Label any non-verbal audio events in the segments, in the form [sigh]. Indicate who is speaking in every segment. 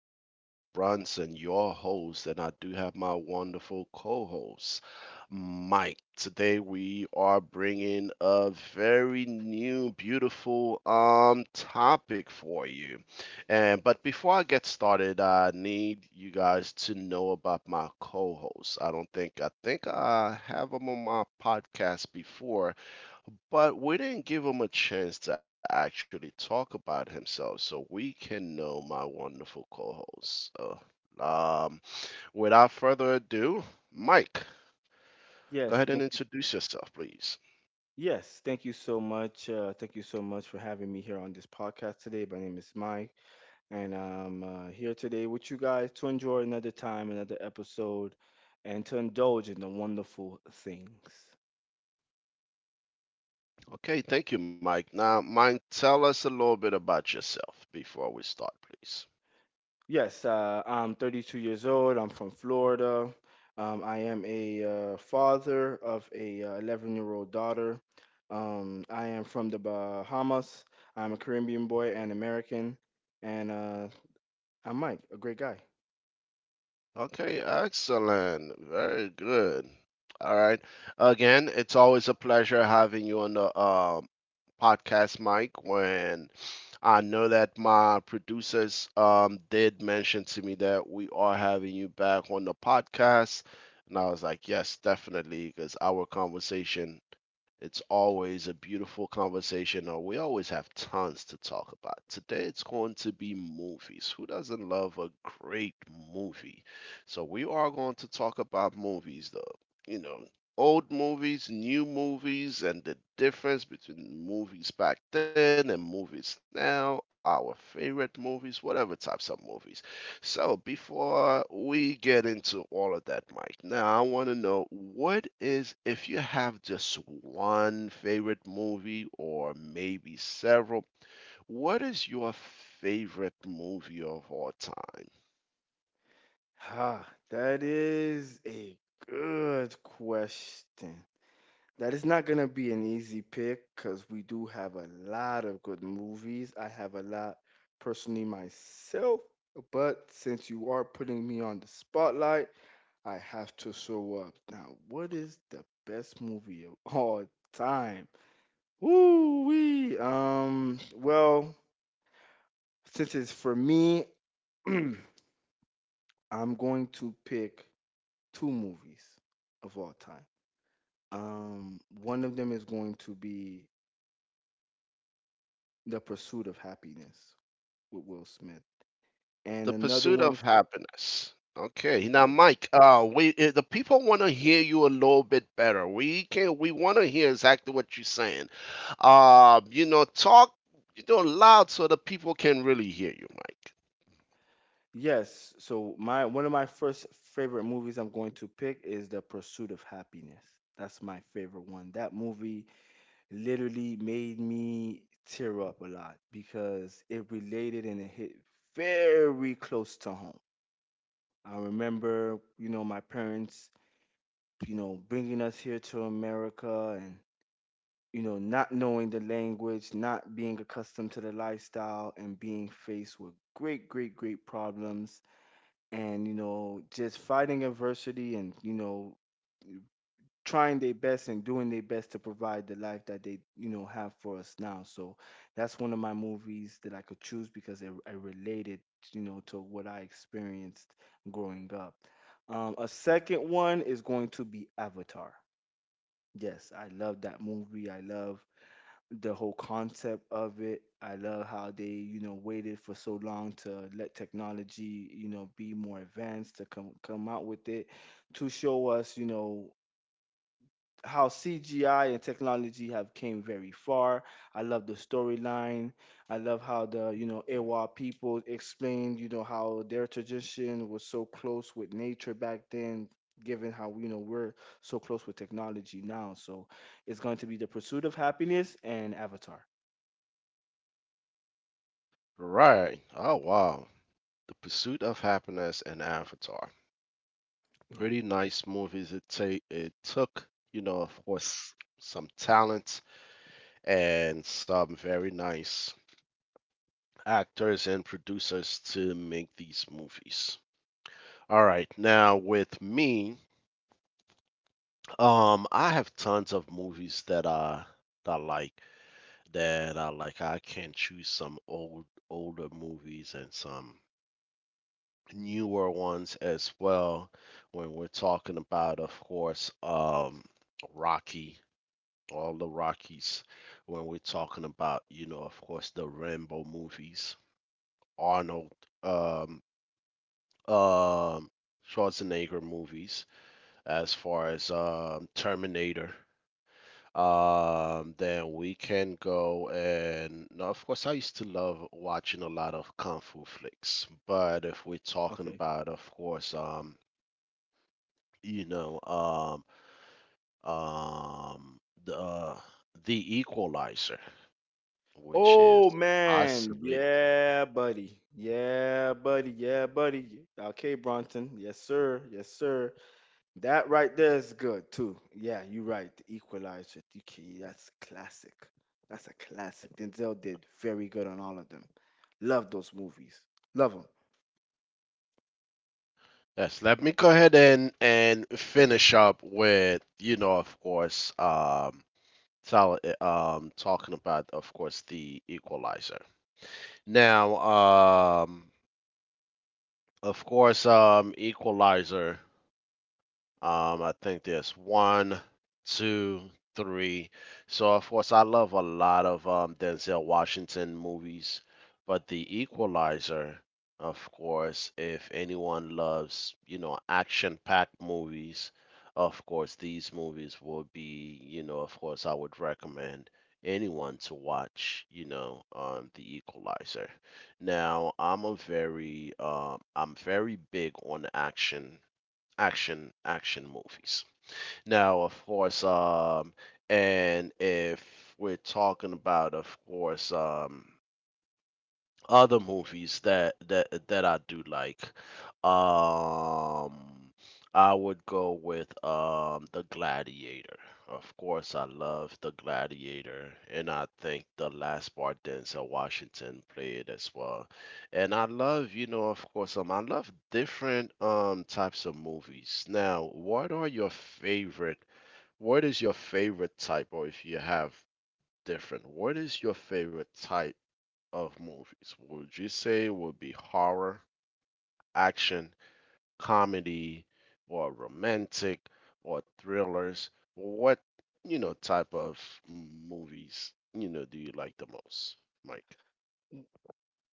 Speaker 1: My name is Brunson, your host, and I do have my wonderful co host, Mike. Today we are bringing a very new, beautiful topic for you. And but before I get started, I need you guys to know about my co host. I don't think I have him on my podcast before, but we didn't give him a chance to actually talk about himself, so we can know my wonderful co-host. Um, Without further ado, Mike, go
Speaker 2: Yes,
Speaker 1: ahead
Speaker 2: thank
Speaker 1: and
Speaker 2: you.
Speaker 1: introduce yourself, please.
Speaker 2: Yes, thank you so much. Thank you so much for having me here on this podcast today. My name is Mike, and I'm here today with you guys to enjoy another time, another episode, and to indulge in the wonderful things.
Speaker 1: Okay, thank you, Mike. Now, Mike, tell us a little bit about yourself before we start, please.
Speaker 2: Yes, I'm 32 years old. I'm from Florida. I am a father of a 11-year-old daughter. I am from the Bahamas. I'm a Caribbean boy and American, and I'm Mike, a great guy.
Speaker 1: Okay, excellent. Very good. All right. Again, it's always a pleasure having you on the podcast, Mike. When I know that my producers did mention to me that we are having you back on the podcast, and I was like, yes, definitely, because our conversation, it's always a beautiful conversation. We always have tons to talk about. Today it's going to be movies. Who doesn't love a great movie? So we are going to talk about movies, though. You know, old movies, new movies, and the difference between movies back then and movies now, our favorite movies, whatever types of movies. So, before we get into all of that, Mike, now I want to know what is, if you have just one favorite movie or maybe several, what is your favorite movie of all time?
Speaker 2: Ha, that is a good question. That is not going to be an easy pick because we do have a lot of good movies. I have a lot personally myself, but since you are putting me on the spotlight, I have to show up. Now, what is the best movie of [laughs] all time? Woo wee! Well, since it's for me, [clears throat] I'm going to pick two movies of all time. One of them is going to be The Pursuit of Happiness with Will Smith, and
Speaker 1: The
Speaker 2: another
Speaker 1: pursuit
Speaker 2: one,
Speaker 1: of happiness. Okay, now
Speaker 2: yeah,
Speaker 1: Mike, we the people want to hear you a little bit better. We want to hear exactly what you're saying. You know, talk, you know, loud so the people can really hear you, Mike.
Speaker 2: yes. So my one of my first favorite movies I'm going to pick is The Pursuit of Happiness. That's my favorite one. That movie literally made me tear up a lot because it related and it hit very close to home. I remember, you know, my parents, you know, bringing us here to America and, you know, not knowing the language, not being accustomed to the lifestyle, and being faced with great, great, great problems. And, you know, just fighting adversity and, you know, trying their best and doing their best to provide the life that they, you know, have for us now. So that's one of my movies that I could choose because it related, you know, to what I experienced growing up. A second one is going to be Avatar. Yes, I love that movie. I love the whole concept of it. I love how they, you know, waited for so long to let technology, you know, be more advanced to come out with it to show us, you know, how CGI and technology have came very far. I love the storyline. I love how the, you know, Ewa people explained, you know, how their tradition was so close with nature back then, given how, you know, we're so close with technology now. So it's going to be The Pursuit of Happiness and Avatar.
Speaker 1: Right. Oh, wow. The Pursuit of Happiness and Avatar.
Speaker 2: Yeah.
Speaker 1: Pretty nice movies. It took, you know, of course, some talent and some very nice actors and producers to make these movies. All right. Now with me, I have tons of movies that I, that I like that I like. I can choose some old, older movies and some newer ones as well when we're talking about, of course, Rocky, all the Rockies, when we're talking about, you know, of course, the Rambo movies, Arnold, um um Schwarzenegger movies, as far as Terminator. Then we can go, and now of course I used to love watching a lot of kung fu flicks. But if we're talking
Speaker 2: Okay.
Speaker 1: about, of course, you know, um, um, the uh, the Equalizer, which is
Speaker 2: Oh man,
Speaker 1: possibly,
Speaker 2: yeah, buddy. Yeah, buddy. Yeah, buddy. Okay, Bronson. Yes, sir. Yes, sir. That right there is good too. Yeah, you're right. The Equalizer. You can- That's classic. That's a classic. Denzel did very good on all of them. Love those movies. Love them.
Speaker 1: yes. Let me go ahead and finish up with, you know, of course, talking about, of course, the Equalizer. Now, of course, Equalizer. I think there's one, two, three. So of course, I love a lot of Denzel Washington movies, but The Equalizer, of course, if anyone loves, you know, action-packed movies, of course, these movies will be, you know, of course, I would recommend anyone to watch, you know, The Equalizer. Now, I'm a very, I'm very big on action, action movies. Now, of course, and if we're talking about, of course, other movies that I do like. Um, I would go with The Gladiator. Of course, I love The Gladiator, and I think the last part Denzel Washington played as well. And I love, you know, of course, I love different types of movies. Now, what are your favorite? What is your favorite type, or if you have different, what is your favorite type of movies? Would you say would be horror, action, comedy, or romantic, or thrillers? What, you know, type of movies, you know, do you like the most, Mike?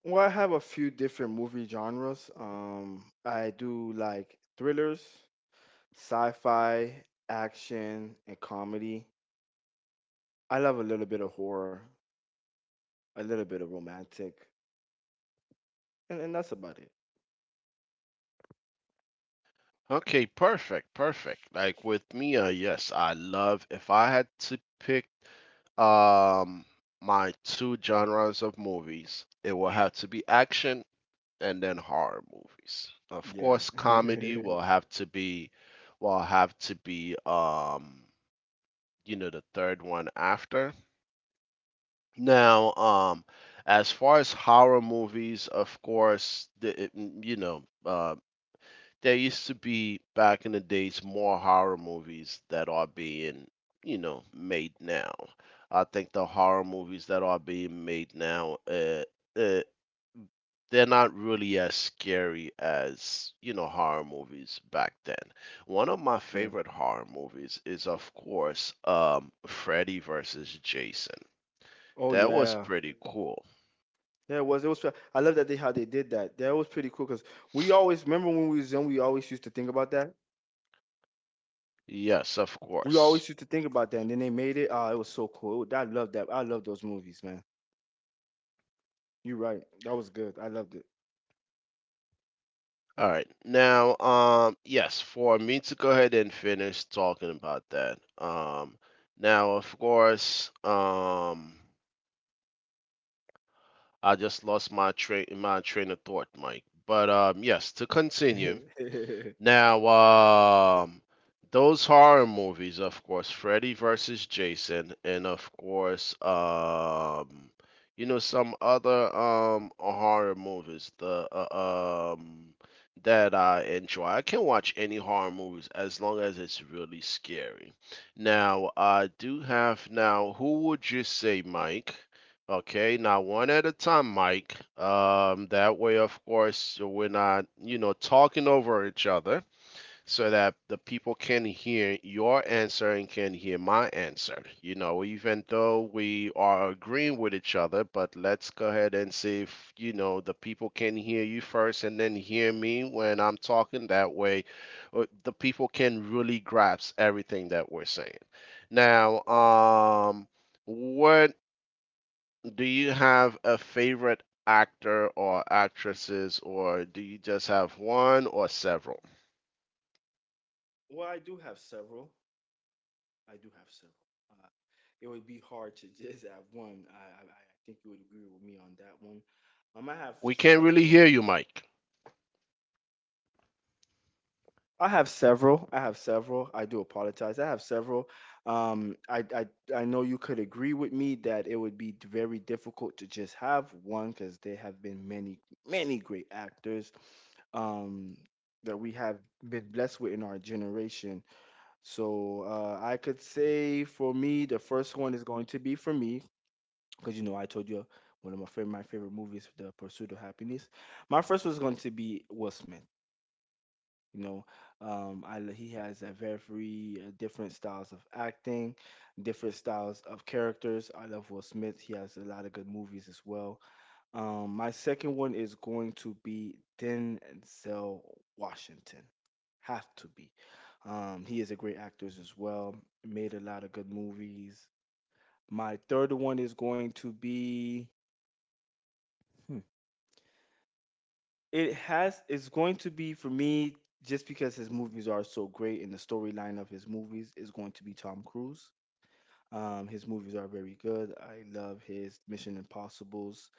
Speaker 2: Well, I have a few different movie genres. I do like thrillers, sci-fi, action, and comedy. I love a little bit of horror, a little bit of romantic, and, that's about it.
Speaker 1: Okay, perfect, perfect. Like with me, yes, I love, if I had to pick um my two genres of movies, it will have to be action and then horror movies. Of
Speaker 2: Yeah.
Speaker 1: course, comedy
Speaker 2: [laughs]
Speaker 1: will have to be, will have to be um you know, the third one after. Now, as far as horror movies, of course, there used to be back in the days more horror movies that are being, you know, made now. I think the horror movies that are being made now, uh, they're not really as scary as, you know, horror movies back then. One of my
Speaker 2: Yeah.
Speaker 1: favorite horror movies is, of course, Freddy versus Jason.
Speaker 2: Oh
Speaker 1: That was
Speaker 2: yeah.
Speaker 1: pretty cool.
Speaker 2: Yeah, it was. It was. I love that they how they did that. That was pretty cool because we always remember when we was young. We always used to think about that.
Speaker 1: Yes, of
Speaker 2: We
Speaker 1: course.
Speaker 2: always used to think about that, and then they made it. Oh, it was so cool. I love that. I love those movies, man. You're right. That was good. I loved it.
Speaker 1: All right. Now, yes, for me to go ahead and finish talking about that. Now, of course, I just lost my train of thought, Mike. But yes, to continue.
Speaker 2: [laughs]
Speaker 1: Now, um, those horror movies, of course, Freddy versus Jason, and of course, you know, some other horror movies. The That I enjoy. I can watch any horror movies as long as it's really scary. Now, I do have now. Who would you say, Mike? Okay, now one at a time, Mike. That way, of course, we're not, you know, talking over each other, so that the people can hear your answer and can hear my answer. You know, even though we are agreeing with each other, but let's go ahead and see if, you know, the people can hear you first and then hear me when I'm talking that way. The people can really grasp everything that we're saying. Now, what, do you have a favorite actor or actresses, or do you just have one or several?
Speaker 2: Well, I do have several. I do have several. Uh, it would be hard to [laughs] just have one. I think you would agree with me on that one. I have
Speaker 1: We can't really
Speaker 2: several.
Speaker 1: hear you, Mike.
Speaker 2: I have several. I have several. I do apologize. I have several. Um, I, I I know you could agree with me that it would be very difficult to just have one because there have been many great actors um, that we have been blessed with in our generation. So I could say for me, the first one is going to be for me because, you know, I told you one of my favorite movies, The Pursuit of Happiness. My first was going to be Will Smith. You know, he has a very different styles of acting, different styles of characters. I love Will Smith. He has a lot of good movies as well. My second one is going to be Denzel Washington. Have to be. He is a great actor as well. Made a lot of good movies. My third one is going to be. It's going to be for me just because his movies are so great and the storyline of his movies is going to be Tom Cruise. His movies are very good. I love his Mission Impossibles.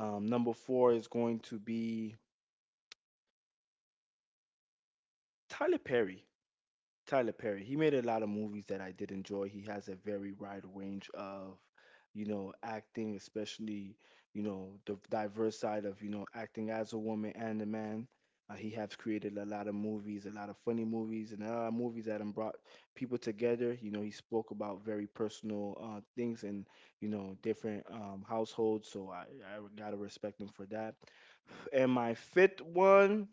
Speaker 2: Number four is going to be Tyler Perry. Tyler Perry. He made a lot of movies that I did enjoy. He has a very wide range of, you know, acting, especially, you know, the diverse side of, you know, acting as a woman and a man. He has created a lot of movies, a lot of funny movies, and a lot of movies that have brought people together. You know, he spoke about very personal things and, you know, different households. So I got to respect him for that. And my fifth one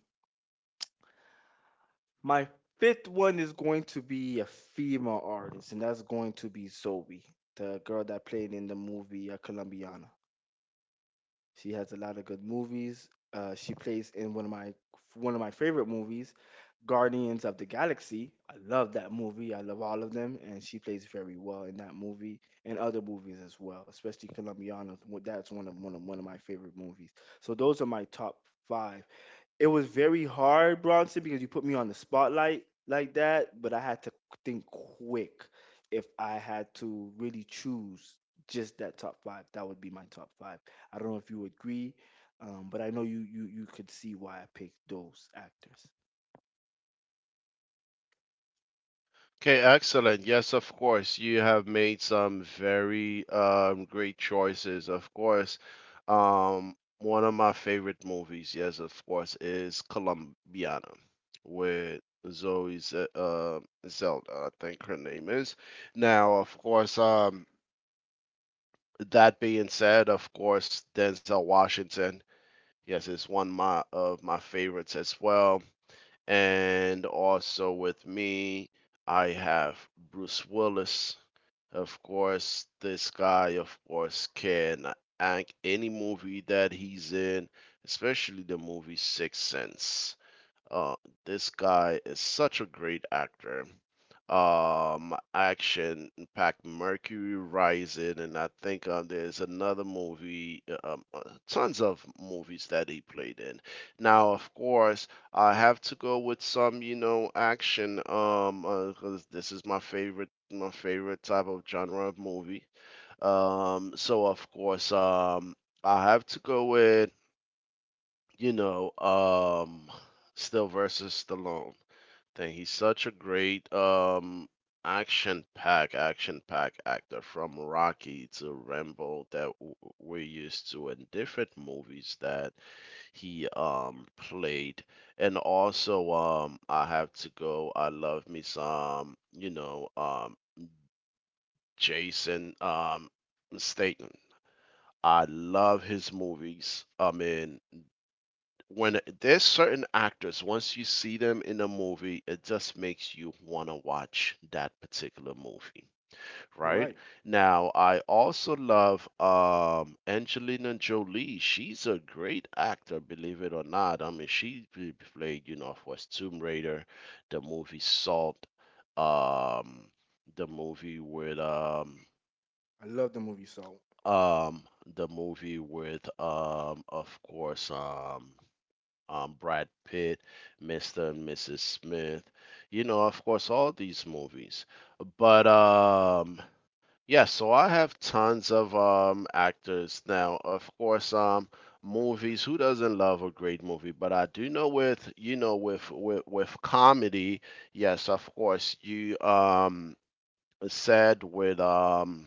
Speaker 2: my fifth one is going to be a female artist, and that's going to be Zoe, the girl that played in the movie Colombiana. She has a lot of good movies. She plays in one of my favorite movies, Guardians of the Galaxy. I love that movie. I love all of them, and she plays very well in that movie and other movies as well, especially Colombiana. That's one of my favorite movies. So those are my top five. It was very hard, Bronson, because you put me on the spotlight like that, but I had to think quick. If I had to really choose just that top five, that would be my top five. I don't know if you agree, but I know you could see why I picked those actors.
Speaker 1: Okay, excellent. Yes, of course. You have made some very great choices. Of course, one of my favorite movies, yes, of course, is Columbiana with Zoe Zelda, I think her name is. Now, of course, that being said, of course, Denzel Washington, yes, is of my favorites as well. And also with me, I have Bruce Willis. Of course, this guy, of course, can act any movie that he's in, especially the movie Sixth Sense. Uh, this guy is such a great actor. Action packed Mercury Rising, and I think there's another movie, tons of movies that he played in. Now, of course, I have to go with some, you know, action. 'Cause this is my favorite type of genre of movie. So of course, I have to go with, you know, still versus Stallone thing. He's such a great action pack actor from Rocky to Rambo that we're used to in different movies that he played. And also I have to go, I love me some, you know, Jason Statham. I love his movies. I mean, when there's certain actors, once you see them in a movie, it just makes you want to watch that particular movie,
Speaker 2: You're
Speaker 1: right?
Speaker 2: right.
Speaker 1: Now, I also love Angelina Jolie. She's a great actor, believe it or not. I mean, played, you know, of course, Tomb Raider, the movie Salt, um, the movie with um,
Speaker 2: I love the movie Soul.
Speaker 1: um, the movie with, Brad Pitt, Mr. and Mrs. Smith, you know, of course, all these movies. But yeah, so I have tons of actors now. Of course, movies. Who doesn't love a great movie? But I do know with, you know, with comedy. Yes, of course, you said with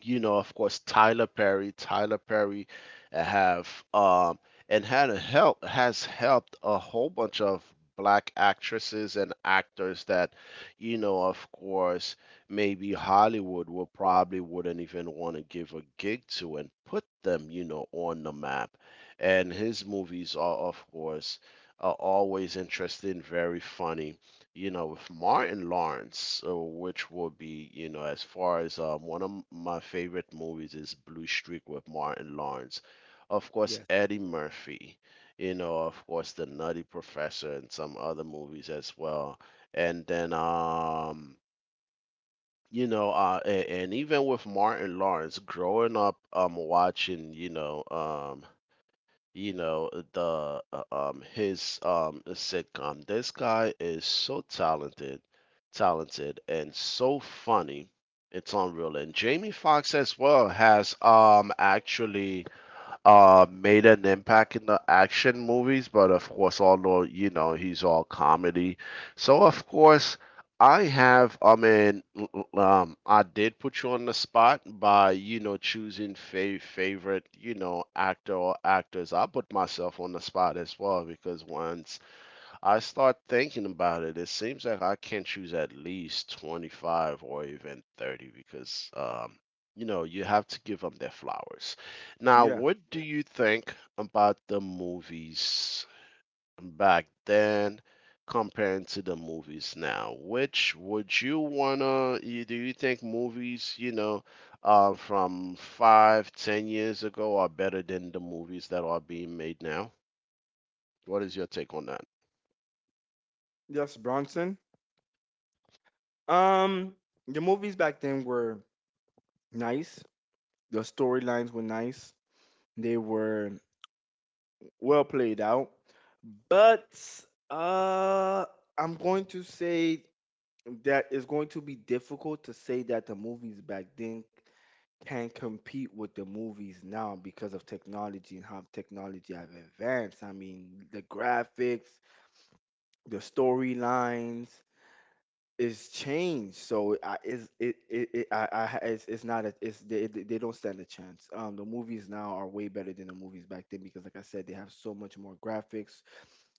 Speaker 1: you know, of course, Tyler Perry. Tyler Perry have um, and had a help has helped a whole bunch of black actresses and actors that, you know, of course, maybe Hollywood will probably wouldn't even want to give a gig to and put them, you know, on the map. And his movies are, of course, are always interesting, very funny, you know, with Martin Lawrence, which will be, you know, as far as one of my favorite movies is Blue Streak with Martin Lawrence. Of course,
Speaker 2: Yes.
Speaker 1: Eddie Murphy, you know, of course, The Nutty Professor and some other movies as well. And then, you know, and even with Martin Lawrence, growing up, watching, you know the his sitcom. This guy is so talented and so funny, it's unreal. And Jamie Foxx as well has actually, made an impact in the action movies, but of course, although, you know, he's all comedy. So of course I have. I mean, I did put you on the spot by, you know, choosing favorite, you know, actor or actors. I put myself on the spot as well because once I start thinking about it, it seems like I can choose at least 25 or even 30 because, you know, you have to give them their flowers. Now,
Speaker 2: Yeah.
Speaker 1: what do you think about the movies back then comparing to the movies now? Which would you wanna, you, Do you think movies, from 5, 10 years ago are better than the movies that are being made now? What is your take on that?
Speaker 2: Yes, Bronson. Um, the movies back then were nice. The storylines were nice. They were well played out. But uh, I'm going to say that it's going to be difficult to say that the movies back then can compete with the movies now because of technology and how technology have advanced. I mean, the graphics, the storylines is changed. So I is it it, it I it's not a, it's they don't stand a chance. The movies now are way better than the movies back then because, like I said, they have so much more graphics,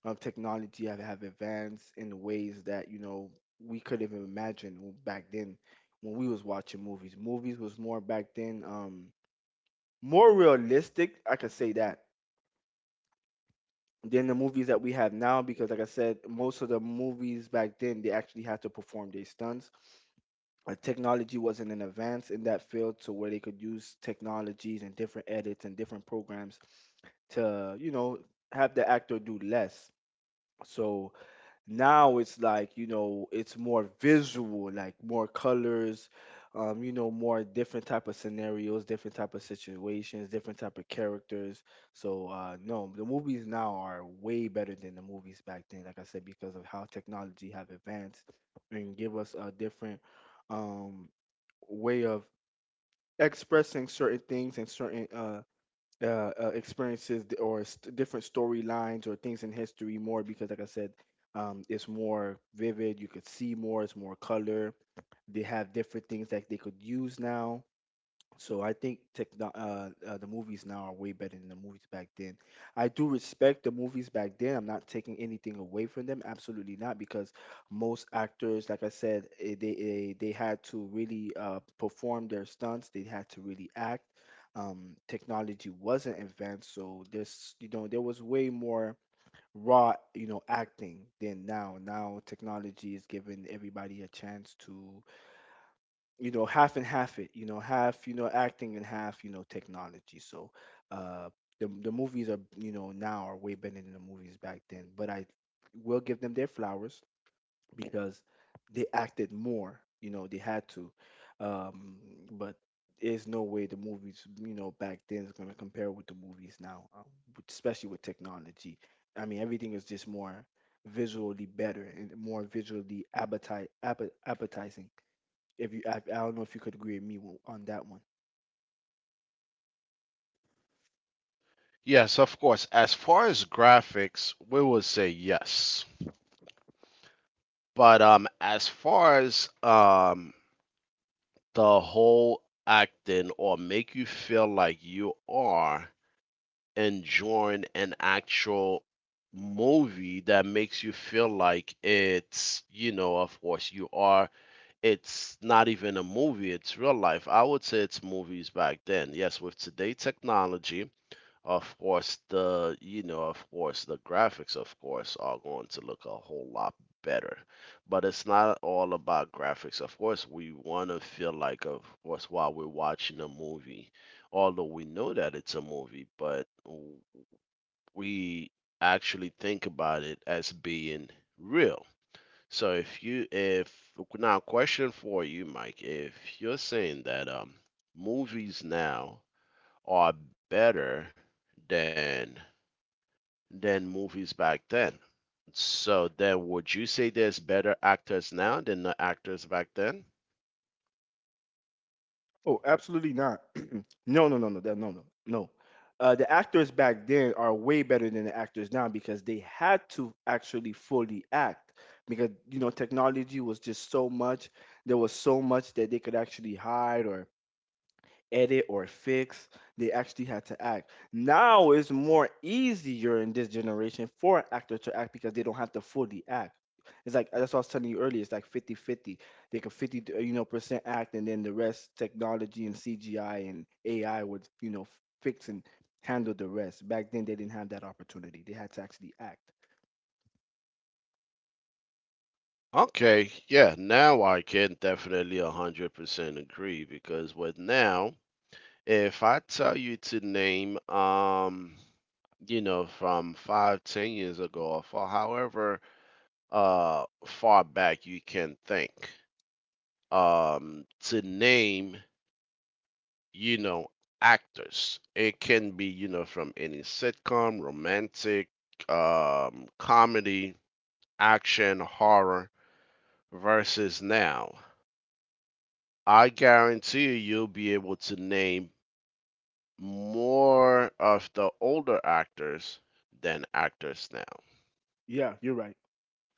Speaker 2: of technology have advanced in ways that, you know, we could even imagine back then. When we was watching movies, movies was more back then, more realistic, I could say that, than the movies that we have now because, like I said, most of the movies back then, they actually had to perform their stunts. Technology wasn't an advance in that field to where they could use technologies and different edits and different programs to, you know, have the actor do less. So now it's like, you know, it's more visual, like more colors, you know, more different type of scenarios, different type of situations, different type of characters. So no, the movies now are way better than the movies back then, like I said, because of how technology have advanced and give us a different um way of expressing certain things and certain experiences different storylines or things in history more because, like I said, it's more vivid. You could see more. It's more color. They have different things that they could use now. So I think the movies now are way better than the movies back then. I do respect the movies back then. I'm not taking anything away from them, absolutely not, because most actors, like I said, they had to really perform their stunts. They had to really act. Technology wasn't advanced, so there's, you know, there was way more raw, you know, acting than now. Now technology is giving everybody a chance to half and half it, half, acting, and half, technology. So uh the movies are, now are way better than the movies back then, but I will give them their flowers because they acted more, they had to. um but there's no way the movies, back then is going to compare with the movies now, especially with technology. I mean, everything is just more visually better and more visually appetizing. If you, I, I don't know if you could agree with me on that one.
Speaker 1: Yes, of course. As far as graphics, we would say yes. But as far as the whole acting or make you feel like you are enjoying an actual movie that makes you feel like it's, you know, of course you are, it's not even a movie, it's real life. I would say it's movies back then. Yes, with today technology, of course, the you know, of course, the graphics, of course, are going to look a whole lot better. But it's not all about graphics. Of course, we want to feel like, of course, while we're watching a movie, although we know that it's a movie, but we actually think about it as being real. So if you, if Now, question for you, Mike, if you're saying that movies now are better than movies back then. So then, would you say there's better actors now than the actors back then?
Speaker 2: Oh, absolutely not. [clears throat] No, no, no, no, no, no, no. The actors back then are way better than the actors now because they had to actually fully act because, technology was just so much. There was so much that they could actually hide or edit or fix. They actually had to act. Now it's more easier in this generation for an actor to act because they don't have to fully act. It's like that's what I was telling you earlier. It's like 50-50. They could 50, percent act, and then the rest technology and CGI and AI would, fix and handle the rest. Back then, they didn't have that opportunity. They had to actually act.
Speaker 1: Okay, yeah, now I can definitely 100% agree because with now, if I tell you to name, you know, from 5, 10 years ago, or for however far back you can think, to name you know, actors. It can be, you know, from any sitcom, romantic, comedy, action, horror, versus now. I guarantee you, you'll be able to name more of the older actors than actors now.
Speaker 2: Yeah, you're right.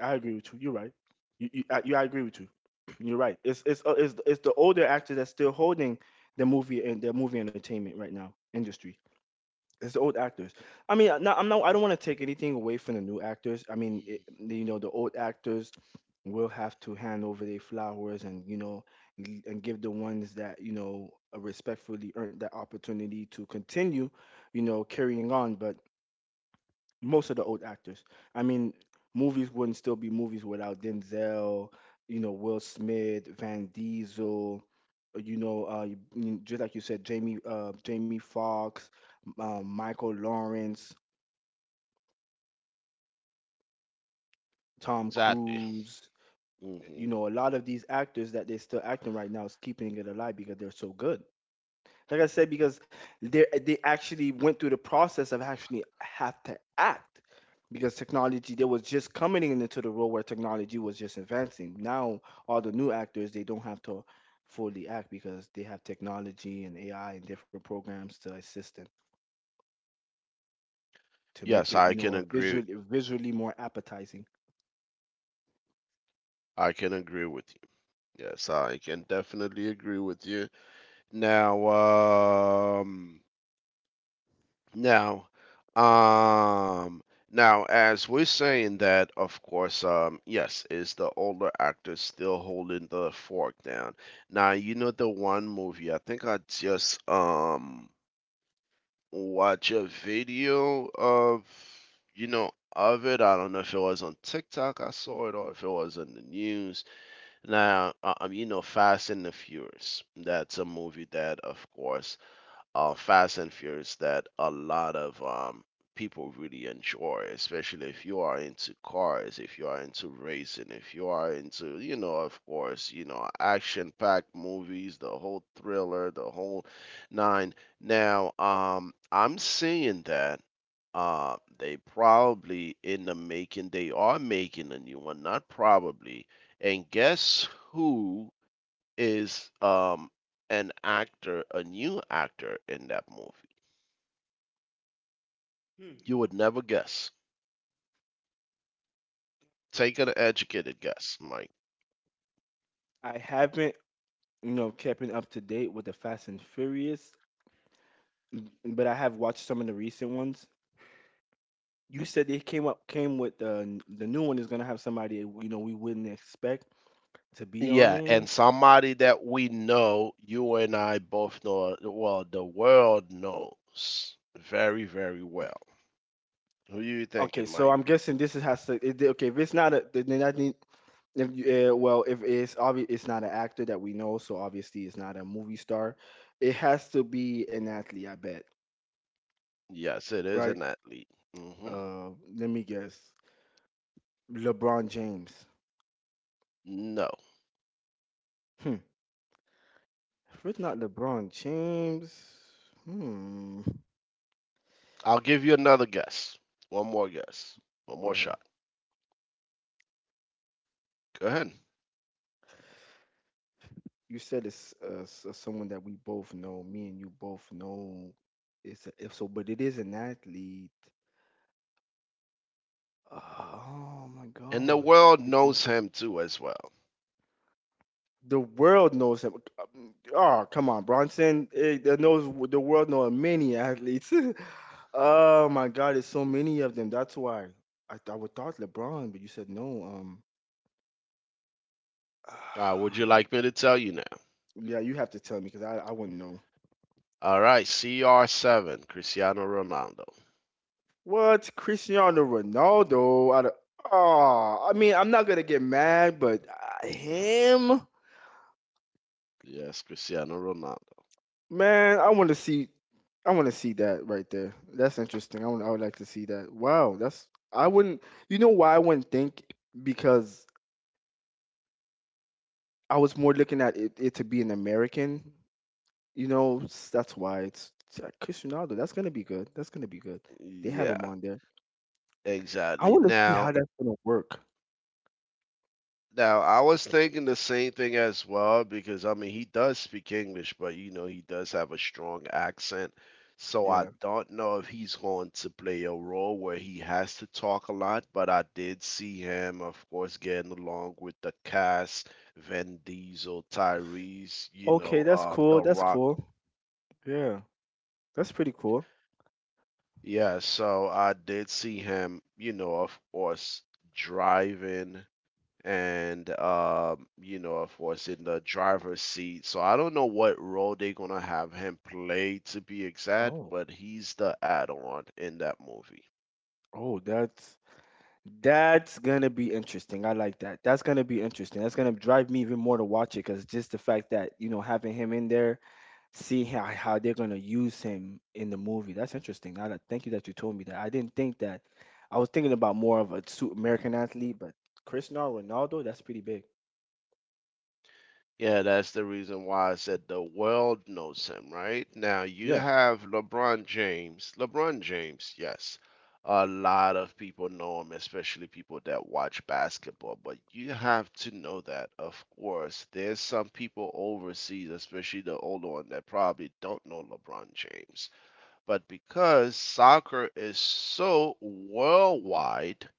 Speaker 2: I agree with you. You're right. I agree with you. [clears throat] You're right. It's the older actors that's still holding the movie and the movie entertainment right now industry. It's the old actors. I mean, no, I'm not. I don't want to take anything away from the new actors. I mean, it,
Speaker 1: Mm.
Speaker 2: the old actors will have to hand over their flowers, and and give the ones that, respectfully earned that opportunity to continue, carrying on. But most of the old actors. I mean, movies wouldn't still be movies without Denzel, Will Smith, Van Diesel, just like you said, Jamie, Jamie Foxx, Michael Lawrence, Tom
Speaker 1: Exactly.
Speaker 2: Cruise.
Speaker 1: Hmm.
Speaker 2: You know, a lot of these actors that they're still acting right now is keeping it alive because they're so good. Like I said, because they actually went through the process of actually have to act because technology they was just coming in into the role where technology was just advancing. Now all the new actors they don't have to fully act because they have technology and AI and different programs to assist them to make
Speaker 1: Yes,
Speaker 2: it,
Speaker 1: I can agree.
Speaker 2: visually more appetizing.
Speaker 1: I can agree with you. Yes, I can definitely agree with you. Now, um, Now, um, now, as we're saying that, of course, yes, is the older actor still holding the fork down? Now, you know the one movie, I think I just watch a video of, you know, of it. I don't know if it was on TikTok I saw it or if it was on the news. Now, you know, Fast and the Furious. That's a movie that, of course, Fast and Furious that a lot of people really enjoy, especially if you are into cars, if you are into racing, if you are into, you know, of course, you know, action packed movies, the whole thriller, the whole nine. Now, I'm seeing that. They probably in the making, they are making a new one, not probably. And guess who is an actor, a new actor in that movie.
Speaker 2: Hmm.
Speaker 1: You would never guess. Take an educated guess, Mike.
Speaker 2: I haven't, kept it up to date with the Fast and Furious, but I have watched some of the recent ones. You said they came with the new one is gonna have somebody, we wouldn't expect to be on
Speaker 1: Yeah,
Speaker 2: it.
Speaker 1: and somebody that we know, you and I both know, well, the world knows very, very well. Who do you think it
Speaker 2: Okay, so
Speaker 1: might
Speaker 2: I'm
Speaker 1: be?
Speaker 2: guessing this is has to. It, okay, if it's not a, then I need. If you, well, if it's obvious, it's not an actor that we know, so obviously it's not a movie star. It has to be an athlete, I bet,
Speaker 1: Yes, it is
Speaker 2: right?
Speaker 1: an athlete. Hmm.
Speaker 2: Uh, Let me guess, LeBron James.
Speaker 1: No.
Speaker 2: Hmm. If it's not LeBron James, hmm.
Speaker 1: I'll give you another guess. One more guess. One
Speaker 2: Go
Speaker 1: more
Speaker 2: ahead.
Speaker 1: shot. Go ahead.
Speaker 2: You said it's, someone that we both know. Me and you both know. If so, but it is an athlete. Oh my
Speaker 1: And the
Speaker 2: God! This
Speaker 1: world
Speaker 2: could be-
Speaker 1: knows him too, as well.
Speaker 2: The world knows him. Oh, come on, Bronson. It knows the world knows many athletes. [laughs] Oh my God, it's so many of them. That's why I would thought LeBron, but you said no.
Speaker 1: Would you
Speaker 2: [sighs]
Speaker 1: like me to tell you now?
Speaker 2: Yeah, you have to tell me because I wouldn't know.
Speaker 1: All right, CR7, Cristiano Ronaldo.
Speaker 2: What? Cristiano Ronaldo? Out of, oh, I mean, I'm not gonna get mad, but him,
Speaker 1: Yes, Cristiano Ronaldo.
Speaker 2: man, I want to see. I want to see that right there. That's interesting. I would. I would like to see that. Wow, that's. I wouldn't. You know why I wouldn't think? Because I was more looking at it, to be an American. You know, that's why it's like Cristiano Ronaldo. That's gonna be good. That's gonna be good. They have
Speaker 1: Yeah,
Speaker 2: him on there. I
Speaker 1: exactly.
Speaker 2: want to see
Speaker 1: Now,
Speaker 2: how that's gonna work.
Speaker 1: now I was thinking the same thing as well because I mean he does speak English, but you know he does have a strong accent. So I
Speaker 2: Yeah.
Speaker 1: don't know if he's going to play a role where he has to talk a lot, but I did see him, of course, getting along with the cast, Vin Diesel, Tyrese, you
Speaker 2: Okay,
Speaker 1: know,
Speaker 2: that's cool.
Speaker 1: The
Speaker 2: That's
Speaker 1: Rock.
Speaker 2: cool. Yeah. That's pretty cool.
Speaker 1: Yeah, so I did see him, you know, of course, driving and you know, of course, in the driver's seat. So I don't know what role they're gonna have him play to be exact,
Speaker 2: Oh,
Speaker 1: but he's the add-on in that movie.
Speaker 2: Oh, that's gonna be interesting. I like that. That's gonna be interesting. That's gonna drive me even more to watch it because just the fact that, having him in there, see how they're gonna use him in the movie. That's interesting. Thank you that you told me that. I didn't think that. I was thinking about more of a American athlete, but Cristiano Ronaldo, that's pretty big.
Speaker 1: Yeah, that's the reason why I said the world knows him, right? Now you
Speaker 2: Yeah.
Speaker 1: have LeBron James. LeBron James, yes. A lot of people know him, especially people that watch basketball. But you have to know that, of course, there's some people overseas, especially the older one, that probably don't know LeBron James. But because soccer is so worldwide,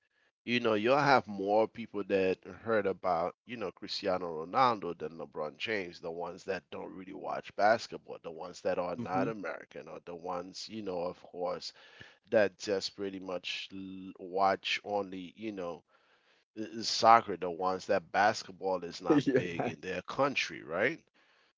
Speaker 1: you know, you'll have more people that heard about, you know, Cristiano Ronaldo than LeBron James, the ones that don't really watch basketball, the ones that are
Speaker 2: Hmm.
Speaker 1: not American, or the ones, you know, of course, that just pretty much watch only, you know, soccer, the ones that basketball is
Speaker 2: [laughs]
Speaker 1: not big
Speaker 2: Yeah.
Speaker 1: in their country, right?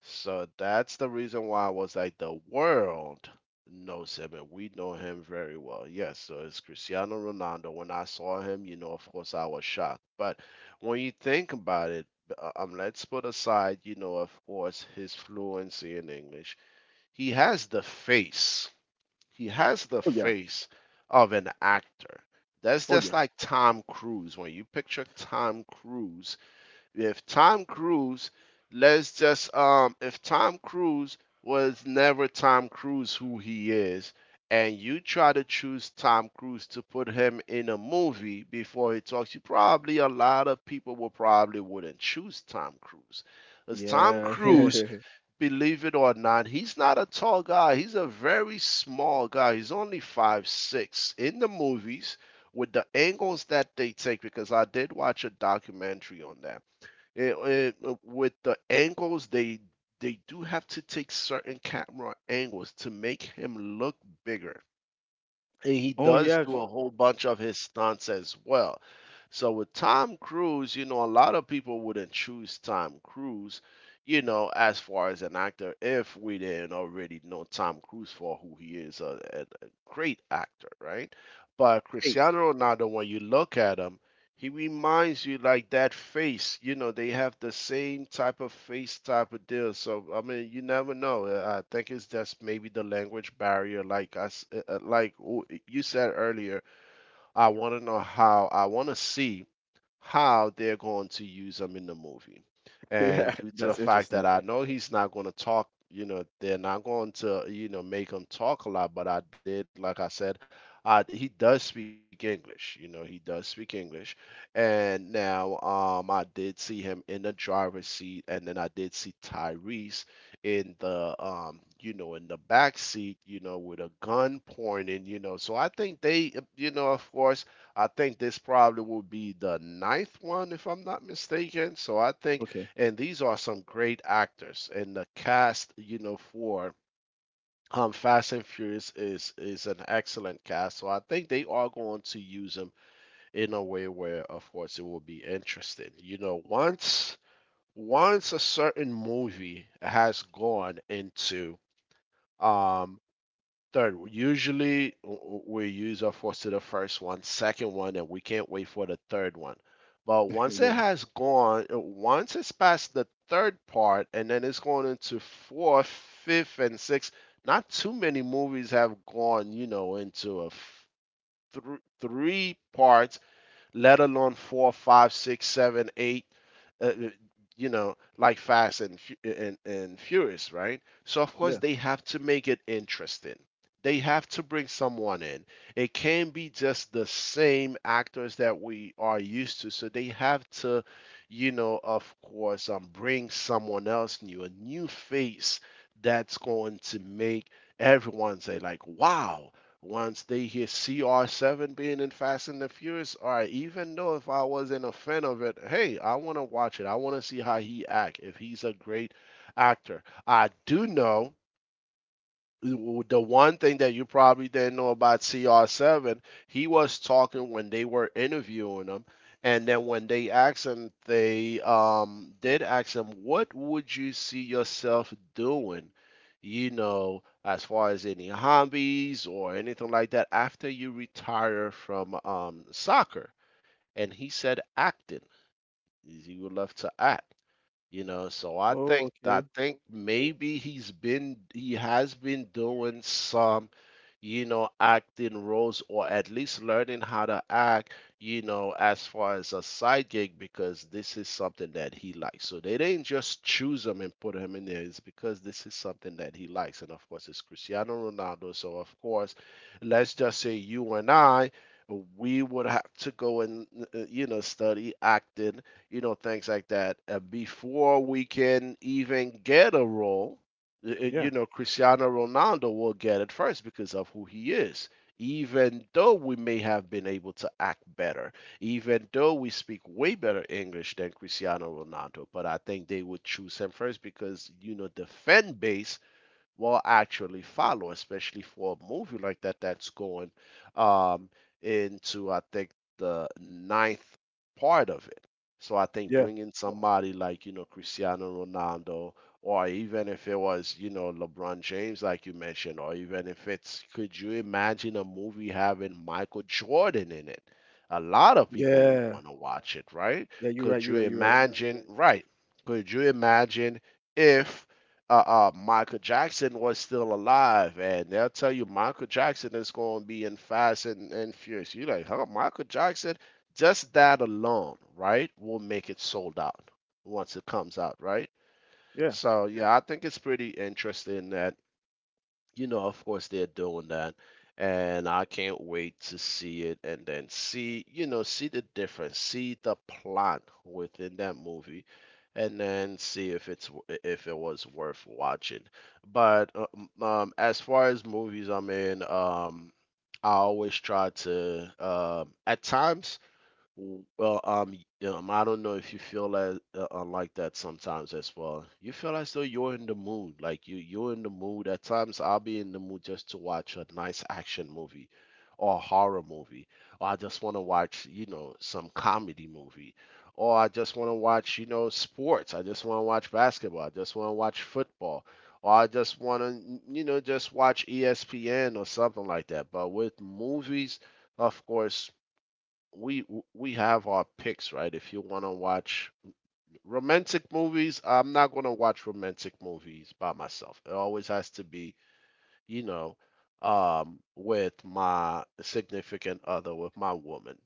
Speaker 1: So that's the reason why I was like, the world knows him and we know him very well. Yes, so it's Cristiano Ronaldo. When I saw him, you know, of course, I was shocked. But when you think about it, let's put aside, you know, of course, his fluency in English. He has the face he has the
Speaker 2: Oh, yeah.
Speaker 1: face of an actor. That's
Speaker 2: Oh,
Speaker 1: just
Speaker 2: yeah.
Speaker 1: like Tom Cruise. When you picture Tom Cruise, if Tom Cruise, let's just if Tom Cruise was never Tom Cruise who he is, and you try to choose Tom Cruise to put him in a movie before he talks, you probably a lot of people will probably wouldn't choose Tom Cruise. Because Tom
Speaker 2: Yeah.
Speaker 1: Cruise
Speaker 2: [laughs]
Speaker 1: believe it or not, he's not a tall guy. He's a very small guy. He's only 5'6". In the movies, with the angles that they take, because I did watch a documentary on that. It- with the angles they do have to take certain camera angles to make him look bigger. He
Speaker 2: Oh
Speaker 1: does
Speaker 2: yeah.
Speaker 1: do a whole bunch of his stunts as well. So with Tom Cruise, you know, a lot of people wouldn't choose Tom Cruise, you know, as far as an actor if we didn't already know Tom Cruise for who he is, a great actor, right? But
Speaker 2: Great.
Speaker 1: Cristiano Ronaldo, when you look at him, he reminds you like that face, you know, they have the same type of face type of deal. So I mean, you never know. I think it's just maybe the language barrier. Like I, s- like w- You said earlier, I want to know how. I want to see how they're going to use him in the movie.
Speaker 2: [laughs]
Speaker 1: And
Speaker 2: Yeah.
Speaker 1: due to the
Speaker 2: That's
Speaker 1: fact that
Speaker 2: interesting.
Speaker 1: I know he's not going to talk, you know, they're not going to, you know, make him talk a lot, but I did, like I said, he does speak English, you know, he does speak English. And now I did see him in the driver's seat, and then I did see Tyrese in the, you know, in the back seat, you know, with a gun pointing, you know. So I think they, you know, of course, I think this probably will be the ninth one, if I'm not mistaken. So I think,
Speaker 2: Okay.
Speaker 1: and these are some great actors, and the cast, you know, for Fast and Furious is an excellent cast. So I think they are going to use them in a way where, of course, it will be interesting. You know, once a certain movie has gone into um third, usually we use of course to the first one, second one, and we can't wait for the third one. But once
Speaker 2: [laughs]
Speaker 1: it
Speaker 2: Yeah.
Speaker 1: has gone, once it's past the third part, and then it's going into fourth, fifth, and sixth. Not too many movies have gone, you know, into three parts let alone four, five, six, seven, eight. Uh, uh, you know, like Fast and Furious, right? So of course
Speaker 2: Yeah.
Speaker 1: they have to make it interesting. They have to bring someone in. It can't be just the same actors that we are used to. So they have to, you know, of course, bring someone else new, a new face that's going to make everyone say like, "Wow, once they hear CR7 being in Fast and the Furious, all right, even though if I wasn't a fan of it, hey, I want to watch it. I want to see how he act, if he's a great actor. I do know the one thing that you probably didn't know about CR7, he was talking when they were interviewing him, and then when they asked him, they did ask him, "What would you see yourself doing?" You know, as far as any hobbies or anything like that after you retire from soccer, and he said acting. He would love to act. You know, so I
Speaker 2: Oh,
Speaker 1: think I
Speaker 2: okay.
Speaker 1: think maybe he has been doing some, you know, acting roles or at least learning how to act, you know, as far as a side gig because this is something that he likes. So they didn't just choose him and put him in there. It's because this is something that he likes. And of course, it's Cristiano Ronaldo. So of course, let's just say you and I, we would have to go and you know study acting you know, things like that. Before we can even get a role, you
Speaker 2: Yeah.
Speaker 1: know, Cristiano Ronaldo will get it first because of who he is. Even though we may have been able to act better, even though we speak way better English than Cristiano Ronaldo, but I think they would choose him first because, you know, the fan base will actually follow, especially for a movie like that that's going um, into, I think, the ninth part of it. So I think
Speaker 2: Yeah.
Speaker 1: bringing somebody like, you know, Cristiano Ronaldo, or even if it was, you know, LeBron James, like you mentioned, or even if it's, could you imagine a movie having Michael Jordan in it? A lot of people will
Speaker 2: Yeah.
Speaker 1: want to watch it, right?
Speaker 2: Yeah. You're right.
Speaker 1: Could you
Speaker 2: You're right. You're right.
Speaker 1: imagine, right? Could you imagine if Michael Jackson was still alive, and they'll tell you Michael Jackson is going to be in Fast and Furious. You're like, huh, Michael Jackson? Just that alone, right, will make it sold out once it comes out, right?
Speaker 2: Yeah.
Speaker 1: So yeah, I think it's pretty interesting that you know, of course they're doing that. And I can't wait to see it and then see, you know, see the difference, see the plot within that movie, and then see if it's if it was worth watching. But as far as movies, I mean, I always try to, at times, well, I don't know if you feel like that sometimes as well. You feel as though you're in the mood, like you're in the mood. At times, I'll be in the mood just to watch a nice action movie, or a horror movie, or I just want to watch, you know, some comedy movie, or I just want to watch, you know, sports. I just want to watch basketball. I just want to watch football, or I just want to, you know, just watch ESPN or something like that. But with movies, of course we we have our picks, right? If you want to watch romantic movies, I'm not going to watch romantic movies by myself. It always has to be you know, with my significant other, with my woman.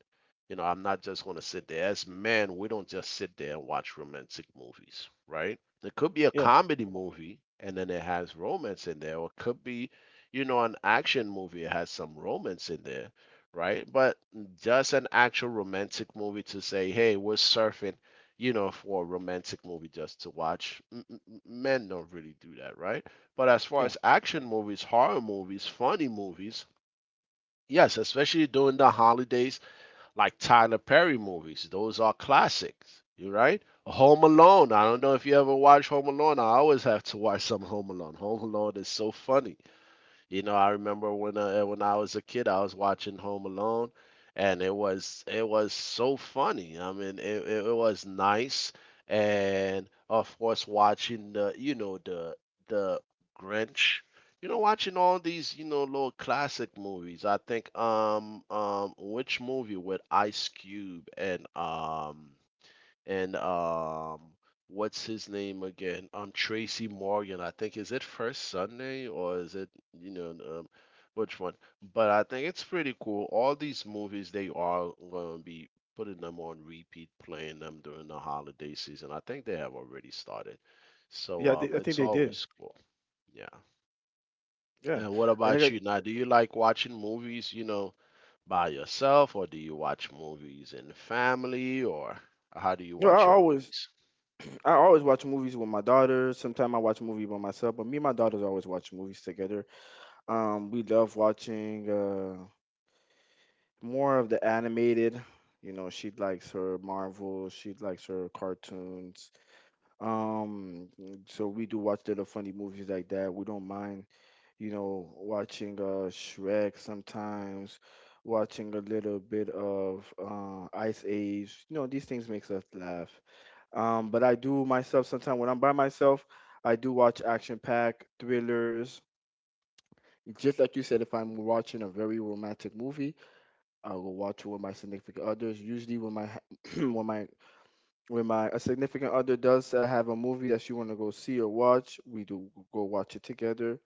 Speaker 1: You know, I'm not just going to sit there. As men, we don't just sit there and watch romantic movies, right? It could be a
Speaker 2: Yeah.
Speaker 1: comedy movie and then it has romance in there, or it could be, you know, an action movie, it has some romance in there, right? But just an actual romantic movie to say, hey, we're surfing, you know, for a romantic movie just to watch, men don't really do that, right? But as far
Speaker 2: Yeah.
Speaker 1: as action movies, horror movies, funny movies, yes, especially during the holidays, like Tyler Perry movies, those are classics. You right? Home Alone. I don't know if you ever watch Home Alone. I always have to watch some Home Alone. Home Alone is so funny. You know, I remember when I was a kid, I was watching Home Alone, and it was so funny. I mean, it was nice, and of course, watching the the Grinch. You know, watching all these, you know, little classic movies. I think, which movie with Ice Cube and and um what's his name again? Tracy Morgan, I think is it First Sunday or is it you know which one? But I think it's pretty cool. All these movies they are gonna be putting them on repeat, playing them during the holiday season. I think they have already started. So
Speaker 2: Yeah. I, thi- I think
Speaker 1: it's
Speaker 2: they did.
Speaker 1: always cool. Yeah.
Speaker 2: Yeah.
Speaker 1: And what
Speaker 2: I think
Speaker 1: about
Speaker 2: I,
Speaker 1: you? Now, do you like watching movies, you know, by yourself or do you watch movies in the family or how do you
Speaker 2: you know,
Speaker 1: watch your movies?
Speaker 2: [clears throat] I always watch movies with my daughter. Sometimes I watch a movie by myself, but me and my daughters always watch movies together. We love watching more of the animated. You know, she likes her Marvel. She likes her cartoons. Um, so we do watch little funny movies like that. We don't mind, watching Shrek sometimes, watching a little bit of Ice Age. You know, these things makes us laugh. But I do myself sometimes when I'm by myself, I do watch action pack thrillers. Just like you said, if I'm watching a very romantic movie, I will watch it with my significant others. Usually, when my [clears throat] when my when my a significant other does, have a movie that she want to go see or watch, we do go watch it together.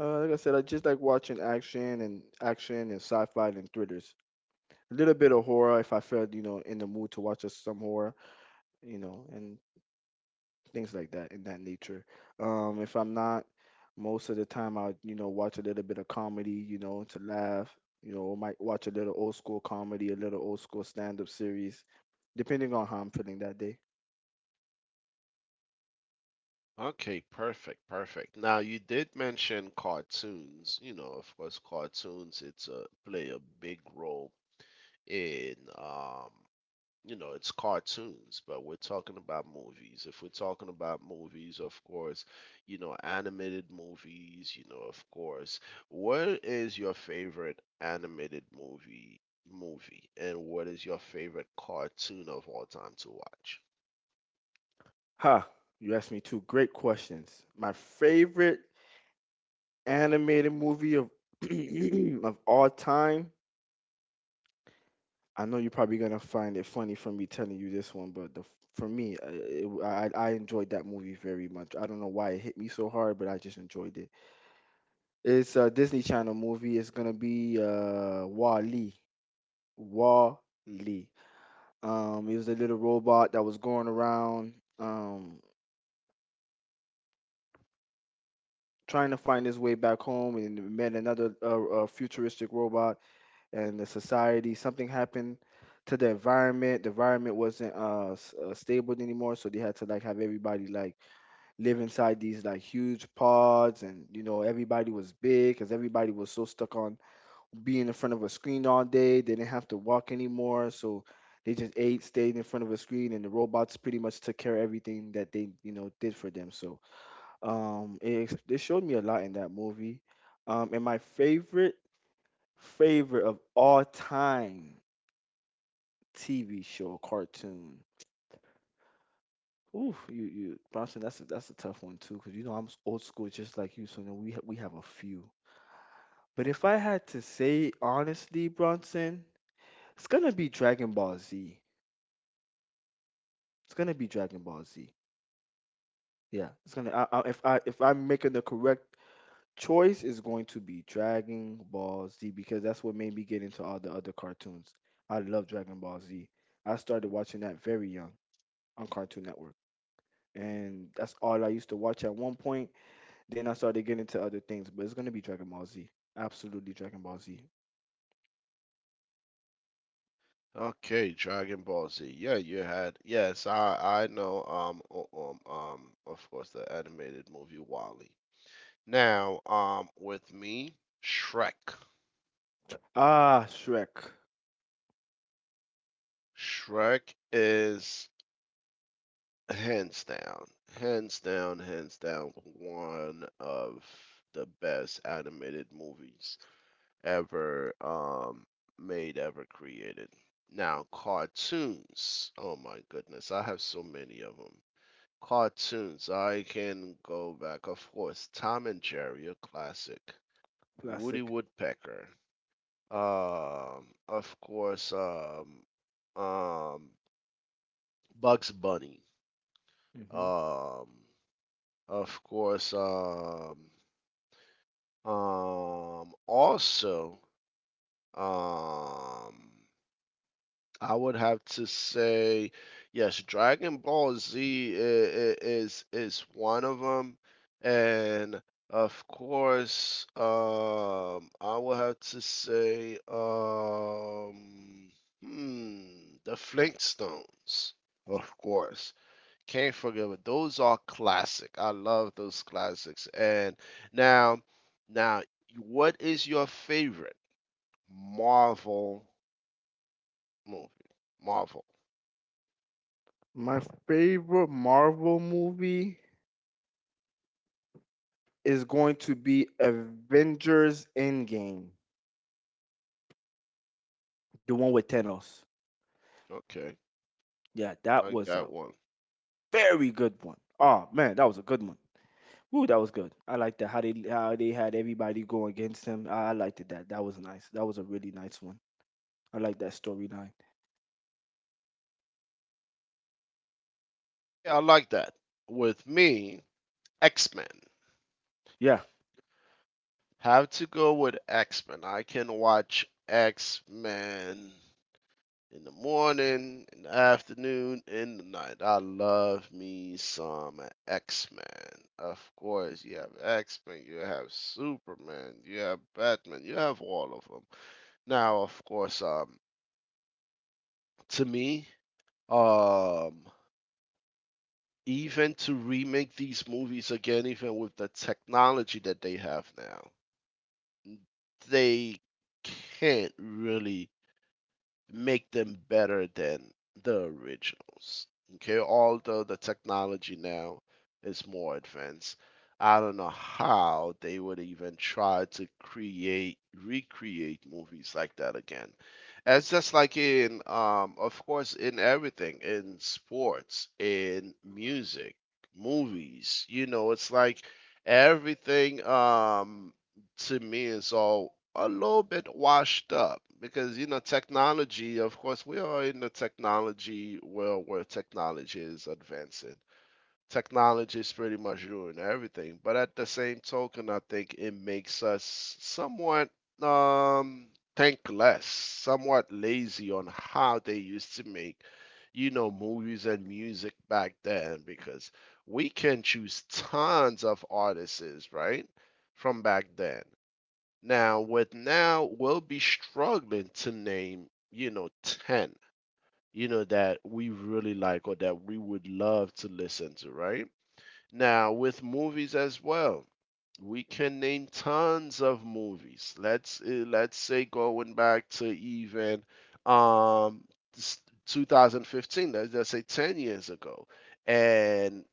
Speaker 2: Like I said, I just like watching action and sci-fi and thrillers. A little bit of horror if I felt, in the mood to watch us some horror, you know, and things like that in that nature. If I'm not, most of the time I, watch a little bit of comedy, to laugh. You know, might watch a little old school comedy, a little old school stand-up series, depending on how I'm feeling that day.
Speaker 1: Okay, perfect, perfect. Now you did mention cartoons. You know, of course, cartoons it's a play a big role in you know, it's cartoons, but we're talking about movies. If we're talking about movies, of course, you know, animated movies, you know, of course. What is your favorite animated movie and what is your favorite cartoon of all time to watch?
Speaker 2: Ha! You asked me two great questions. My favorite animated movie of [clears throat] of all time, I know you're probably gonna find it funny from me telling you this one, but the for me, I enjoyed that movie very much. I don't know why it hit me so hard, but I just enjoyed it. It's a Disney Channel movie. It's gonna be Wall-E. Wall-E. It was a little robot that was going around um trying to find his way back home, and met another futuristic robot and the society. Something happened to the environment. The environment wasn't, stable anymore, so they had to like have everybody like live inside these like huge pods, and you know everybody was big because everybody was so stuck on being in front of a screen all day. They didn't have to walk anymore, so they just ate, stayed in front of a screen, and the robots pretty much took care of everything that they, did for them. So it, it showed me a lot in that movie. And my favorite of all time. TV show or cartoon? Oof, you Bronson, that's a tough one too, because you know I'm, old school just like you, so you know, we have a few. But if I had to say honestly, Bronson, it's gonna be Dragon Ball Z. It's gonna be Dragon Ball Z. Yeah, it's gonna. I if I'm making the correct choice, it's going to be Dragon Ball Z because that's what made me get into all the other cartoons. I love Dragon Ball Z. I started watching that very young on Cartoon Network, and that's all I used to watch at one point. Then I started getting into other things, but it's gonna be Dragon Ball Z. Absolutely Dragon Ball Z.
Speaker 1: Okay, Dragon Ball Z. Yeah, you had. Yes, I know. Of course, the animated movie Wally. Now, with me, Shrek.
Speaker 2: Ah, Shrek.
Speaker 1: Shrek is hands down, hands down, hands down, one of the best animated movies ever made, ever created. Now, cartoons. Oh my goodness, I have so many of them. Cartoons. I can go back, of course. Tom and Jerry, a classic. Woody
Speaker 2: Classic.
Speaker 1: Woodpecker. Um, of course, um, um, Bugs Bunny.
Speaker 2: Hmm.
Speaker 1: Um, of course, um, um, also, um, I would have to say, yes, Dragon Ball Z is one of them, and of course, I would have to say, the Flintstones, of course. Can't forget it. Those are classic. I love those classics. And now, now, what is your favorite Marvel movie? Marvel.
Speaker 2: My favorite Marvel movie is going to be Avengers Endgame, the one with Thanos.
Speaker 1: Okay.
Speaker 2: Yeah, that
Speaker 1: Like
Speaker 2: was a
Speaker 1: that one.
Speaker 2: very good one. Oh man, that was a good one. Woo, that was good. I liked that how they had everybody go against him. I liked it that. That was nice. That was a really nice one. I like that storyline.
Speaker 1: Yeah, I like that. With me, X Men.
Speaker 2: Yeah.
Speaker 1: Have to go with X Men. I can watch X Men in the morning, in the afternoon, in the night. I love me some X Men. Of course, you have X Men, you have Superman, you have Batman, you have all of them. Now, of course, to me, um, even to remake these movies again, even with the technology that they have now, they can't really make them better than the originals. Okay, although the technology now is more advanced, I don't know how they would even try to create recreate movies like that again. It's just like in, of course, in everything, in sports, in music, movies. You know, it's like everything to me is all a little bit washed up because you know technology of course we are in the technology world where technology is advancing technology is pretty much doing everything. But at the same token, I think it makes us somewhat um think less, somewhat lazy on how they used to make you know movies and music back then because we can choose tons of artists right from back then now, with now, we'll be struggling to name, you know, 10, you know, that we really like or that we would love to listen to, right? Now, with movies as well, we can name tons of movies. Let's say going back to even um s- 2015, let's just say 10 years ago. And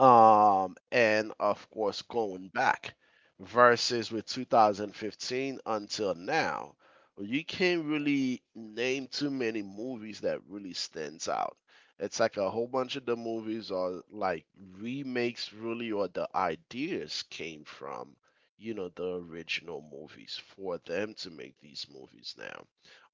Speaker 1: and of course going back versus with 2015 until now, you can't really name too many movies that really stands out. It's like a whole bunch of the movies are like remakes really, or the ideas came from you know the original movies for them to make these movies now,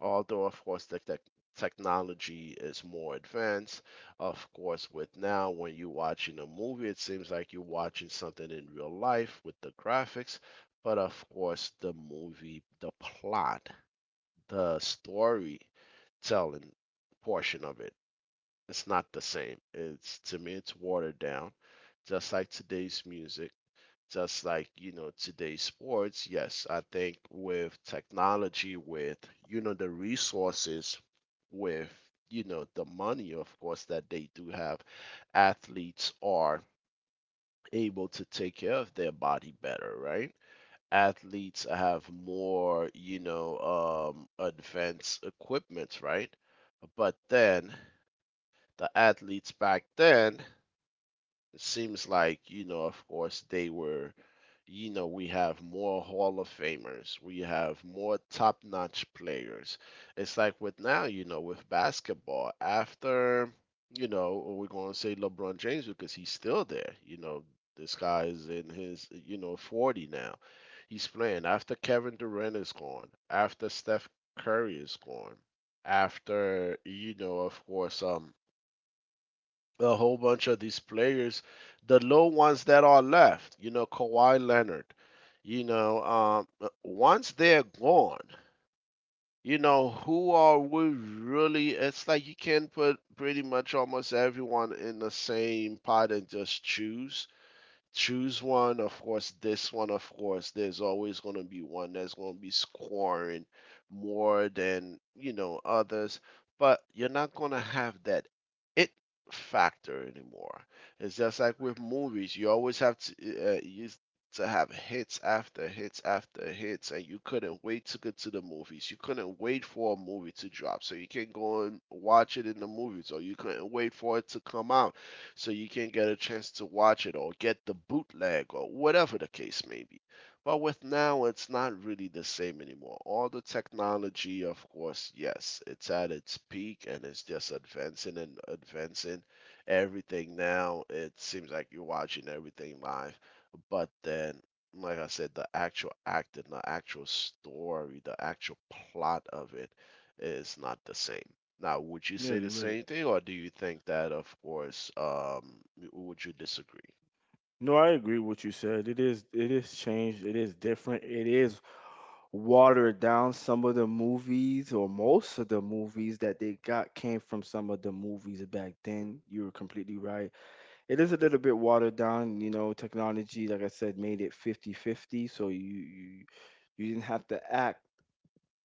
Speaker 1: although of course the tech technology is more advanced. Of course, with now when you're watching a movie, it seems like you're watching something in real life with the graphics, but of course, the movie, the plot, the storytelling portion of it, it's not the same. It's to me, it's watered down, just like today's music, just like you know today's sports. Yes, I think with technology, with you know the resources, with you know the money of course that they do have, athletes are able to take care of their body better, right? Athletes have more you know advanced equipment, right? But then the athletes back then, it seems like you know of course they were, you know, we have more Hall of Famers, we have more top notch players. It's like with now, you know, with basketball, after, you know, or we're going to say LeBron James because he's still there. You know, this guy is in his, you know, 40 now. He's playing after Kevin Durant is gone, after Steph Curry is gone, after, you know, of course, a whole bunch of these players, the low ones that are left, you know, Kawhi Leonard, you know, once they're gone, you know, who are we really? It's like you can put pretty much almost everyone in the same pot and just choose one. Of course, this one, of course, there's always going to be one that's going to be scoring more than, you know, others, but you're not going to have that it factor anymore. It's just like with movies, you always have to, used to have hits after hits after hits, and you couldn't wait to get to the movies. You couldn't wait for a movie to drop, so you can go and watch it in the movies, or you couldn't wait for it to come out so you can't get a chance to watch it or get the bootleg or whatever the case may be. But with now, it's not really the same anymore. All the technology, of course, yes, it's at its peak and it's just advancing and advancing. Everything now, it seems like you're watching everything live. But then, like I said, the actual acting, the actual story, the actual plot of it is not the same. Now, would you
Speaker 2: Yeah,
Speaker 1: say the
Speaker 2: you're right.
Speaker 1: same thing, or do you think that, of course, would you disagree?
Speaker 2: No, I agree with what you said. It is changed. It is different. It is watered down. Some of the movies or most of the movies that they got came from some of the movies back then. You're completely right. It is a little bit watered down, you know, technology, like I said, made it 50-50. So you didn't have to act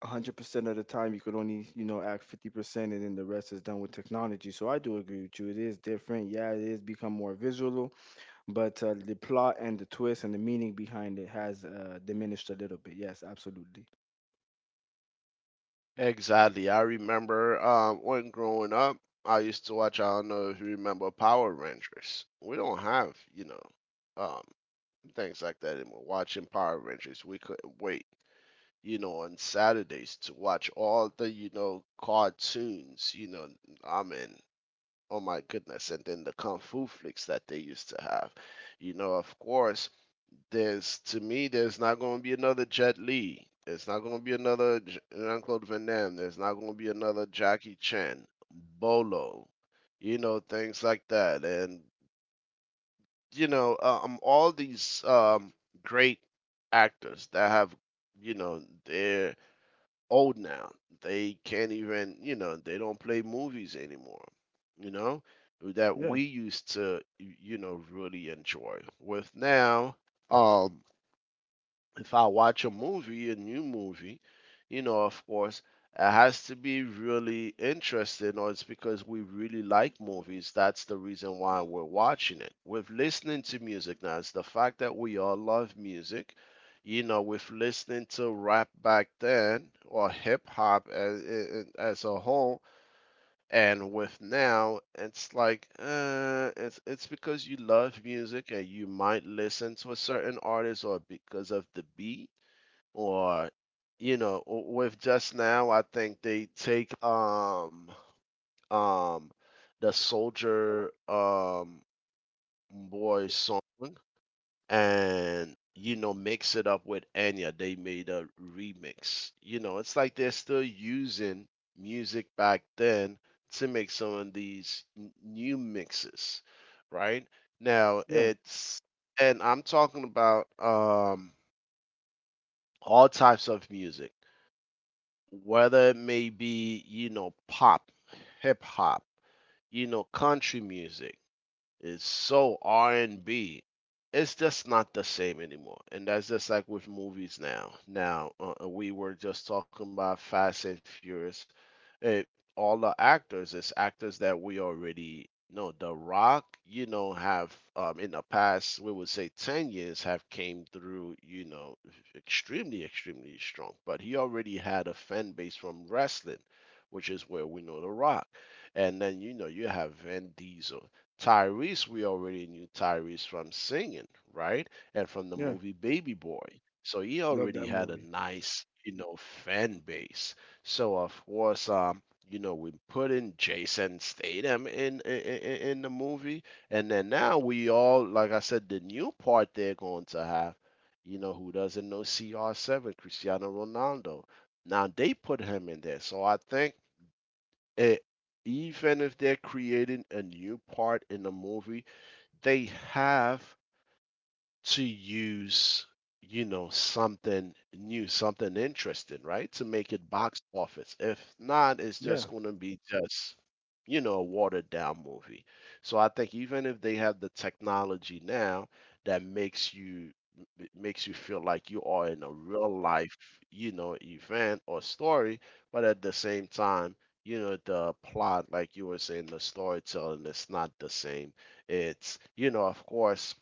Speaker 2: 100% of the time. You could only, you know, act 50% and then the rest is done with technology. So I do agree with you. It is different. Yeah, it is become more visual, but, the plot and the twist and the meaning behind it has, diminished a little bit. Yes, absolutely.
Speaker 1: Exactly. I remember when growing up, I used to watch, I don't know if you remember Power Rangers. We don't have, you know, um, things like that anymore. Watching Power Rangers, we couldn't wait, you know, on Saturdays to watch all the, you know, cartoons, you know, I mean, oh my goodness, and then the Kung Fu flicks that they used to have. You know, of course, there's to me, there's not going to be another Jet Li. There's not going to be another Jean-Claude Van Damme. There's not going to be another Jackie Chan, Bolo, you know, things like that. And you know, all these great actors that have, you know, they're old now. They can't even, you know, they don't play movies anymore. You know, that
Speaker 2: Yeah,
Speaker 1: we used to, you know, really enjoy. With now, um if I watch a movie, a new movie, you know, of course, it has to be really interesting, or it's because we really like movies. That's the reason why we're watching it. With listening to music now, it's the fact that we all love music. You know, with listening to rap back then or hip hop as a whole, and with now, it's like it's because you love music and you might listen to a certain artist or because of the beat or you know with just now I think they take um the soldier boy song, and you know mix it up with Enya. They made a remix. You know, it's like they're still using music back then to make some of these new mixes right now.
Speaker 2: yeah,
Speaker 1: It's and I'm talking about all types of music, whether it may be, you know, pop, hip hop, you know, country music is so R&B. It's just not the same anymore. And that's just like with movies now. Now, we were just talking about Fast and Furious. It, all the actors, it's actors that we already know. The Rock, you know, have in the past, we would say 10 years, have came through, you know, extremely strong. But he already had a fan base from wrestling, which is where we know The Rock. And then, you know, you have Vin Diesel. Tyrese, we already knew Tyrese from singing, right? And from the
Speaker 2: yeah.
Speaker 1: movie Baby Boy. So he
Speaker 2: Love
Speaker 1: already
Speaker 2: that
Speaker 1: had a
Speaker 2: movie.
Speaker 1: nice, you know, fan base. So of course, you know, we put in Jason Statham in, in the movie, and then now we all, like I said, the new part they're going to have, you know, who doesn't know CR7, Cristiano Ronaldo. Now they put him in there. So I think eh, even if they're creating a new part in the movie, they have to use, you know, something new, something interesting, right? To make it box office. If not, it's just
Speaker 2: Yeah,
Speaker 1: going to be just, you know, a watered down movie. So I think even if they have the technology now that makes you makes you feel like you are in a real life, you know, event or story, but at the same time, you know, the plot, like you were saying, the storytelling, it's not the same. It's you know of course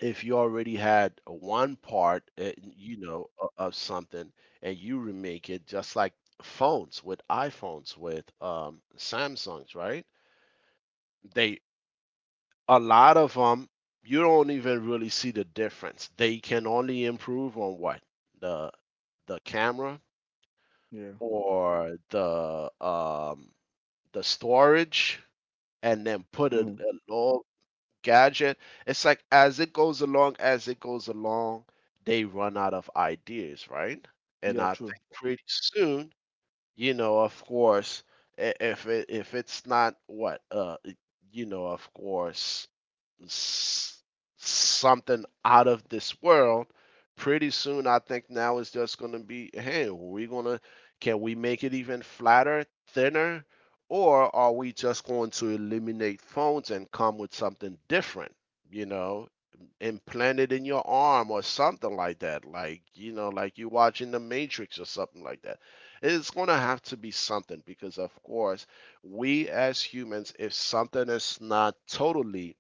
Speaker 1: if you already had one part, you know, of something, and you remake it, just like phones with iPhones with Samsungs, right? They a lot of them, you don't even really see the difference. They can only improve on what the the camera
Speaker 2: yeah,
Speaker 1: or the storage, and then put
Speaker 2: hmm,
Speaker 1: a little gadget. It's like as it goes along, as it goes along, they run out of ideas, right? And
Speaker 2: yeah.
Speaker 1: I think
Speaker 2: True.
Speaker 1: pretty soon, you know, of course, if it's not what you know, of course, s- something out of this world. Pretty soon I think now it's just going to be, hey, we're going to, can we make it even flatter, thinner, or are we just going to eliminate phones and come with something different, you know, implant it in your arm or something like that, like you know, like you watching The Matrix or something like that. It's going to have to be something because of course we as humans, if something is not totally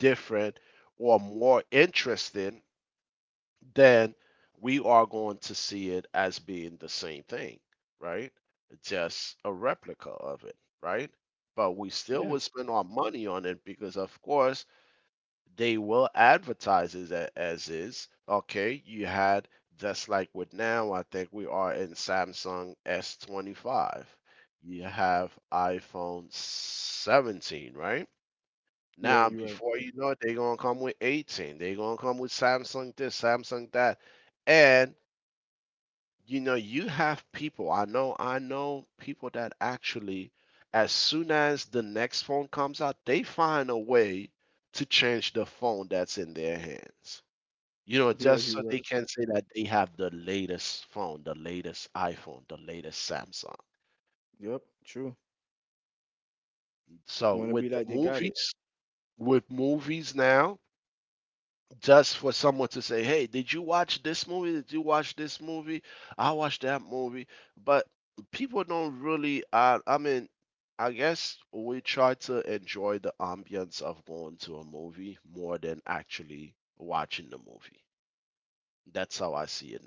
Speaker 1: different or more interesting, then we are going to see it as being the same thing, right? Just a replica of it, right? But we still
Speaker 2: Yeah,
Speaker 1: would spend our money on it because, of course, they will advertise it as is. Okay, you had just like with now, I think we are in Samsung S25. You have iPhone 17, right?
Speaker 2: yeah.
Speaker 1: Now,
Speaker 2: You're right.
Speaker 1: before you know it, they're gonna come with 18. They're gonna come with Samsung this, Samsung that, and you know you have people. I know people that actually, as soon as the next phone comes out, they find a way to change the phone that's in their hands. You know,
Speaker 2: Yeah,
Speaker 1: just
Speaker 2: you're
Speaker 1: so they
Speaker 2: right.
Speaker 1: can say that they have the latest phone, the latest iPhone, the latest Samsung.
Speaker 2: Yep. True.
Speaker 1: So
Speaker 2: Want to be
Speaker 1: with the
Speaker 2: like they got it.
Speaker 1: movies, with movies now, just for someone to say, "Hey, did you watch this movie? Did you watch this movie? I watched that movie." But people don't really. I mean, I guess we try to enjoy the ambience of going to a movie more than actually watching the movie. That's how I see it,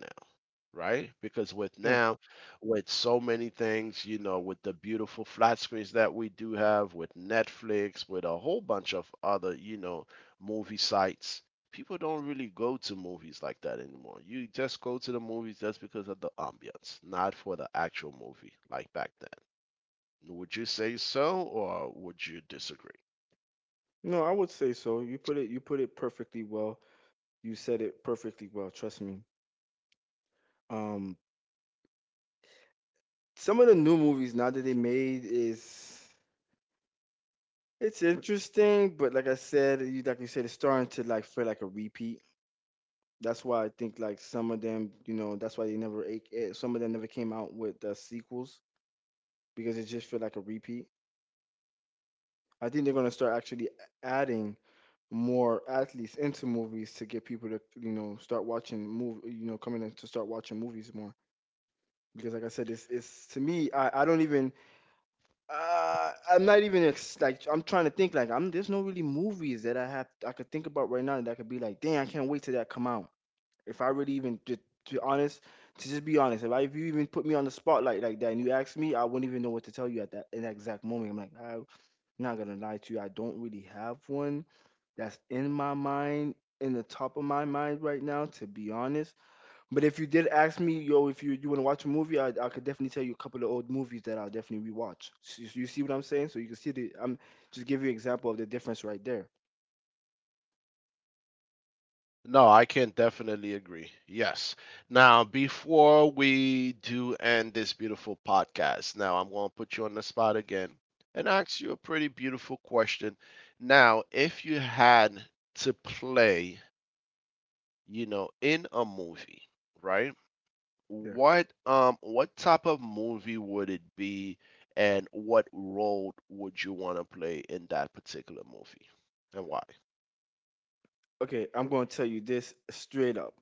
Speaker 1: right? Because with
Speaker 2: Yeah.
Speaker 1: now, with so many things, you know, with the beautiful flat screens that we do have, with Netflix, with a whole bunch of other, you know, movie sites, people don't really go to movies like that anymore. You just go to the movies just because of the ambience, not for the actual movie like back then. Would you say so, or would you disagree?
Speaker 2: No, I would say so. You put it. You put it perfectly well. You said it perfectly well. Trust me. Um, some of the new movies now that they made is it's interesting, but like I said, you said, it's starting to like feel like a repeat. That's why I think like some of them, you know, that's why they never ate it. Some of them never came out with the sequels because it just feel like a repeat. I think they're gonna start actually adding more athletes into movies to get people to, you know, start watching move you know, coming in to start watching movies more, because like I said, this is to me, I don't even, I'm not even like I'm trying to think like I'm, there's no really movies that I have I could think about right now that I could be like, dang, I can't wait till that come out. If I really even To honest, to just be honest, if, if you even put me on the spotlight like that and you ask me, I wouldn't even know what to tell you at that, in that exact moment. I'm like, I'm not gonna lie to you, I don't really have one that's in my mind, in the top of my mind right now, to be honest. But if you did ask me, yo, if you wanna watch a movie, I could definitely tell you a couple of old movies that I'll definitely rewatch. So you see what I'm saying? So you can see the I'm just give you an example of the difference right there.
Speaker 1: No, I can definitely agree. Yes. Now, before we do end this beautiful podcast, now I'm going to put you on the spot again and ask you a pretty beautiful question. Now, if you had to play, you know, in a movie, right?
Speaker 2: Yeah.
Speaker 1: What type of movie would it be, and what role would you want to play in that particular movie, and why?
Speaker 2: Okay, I'm gonna tell you this straight up.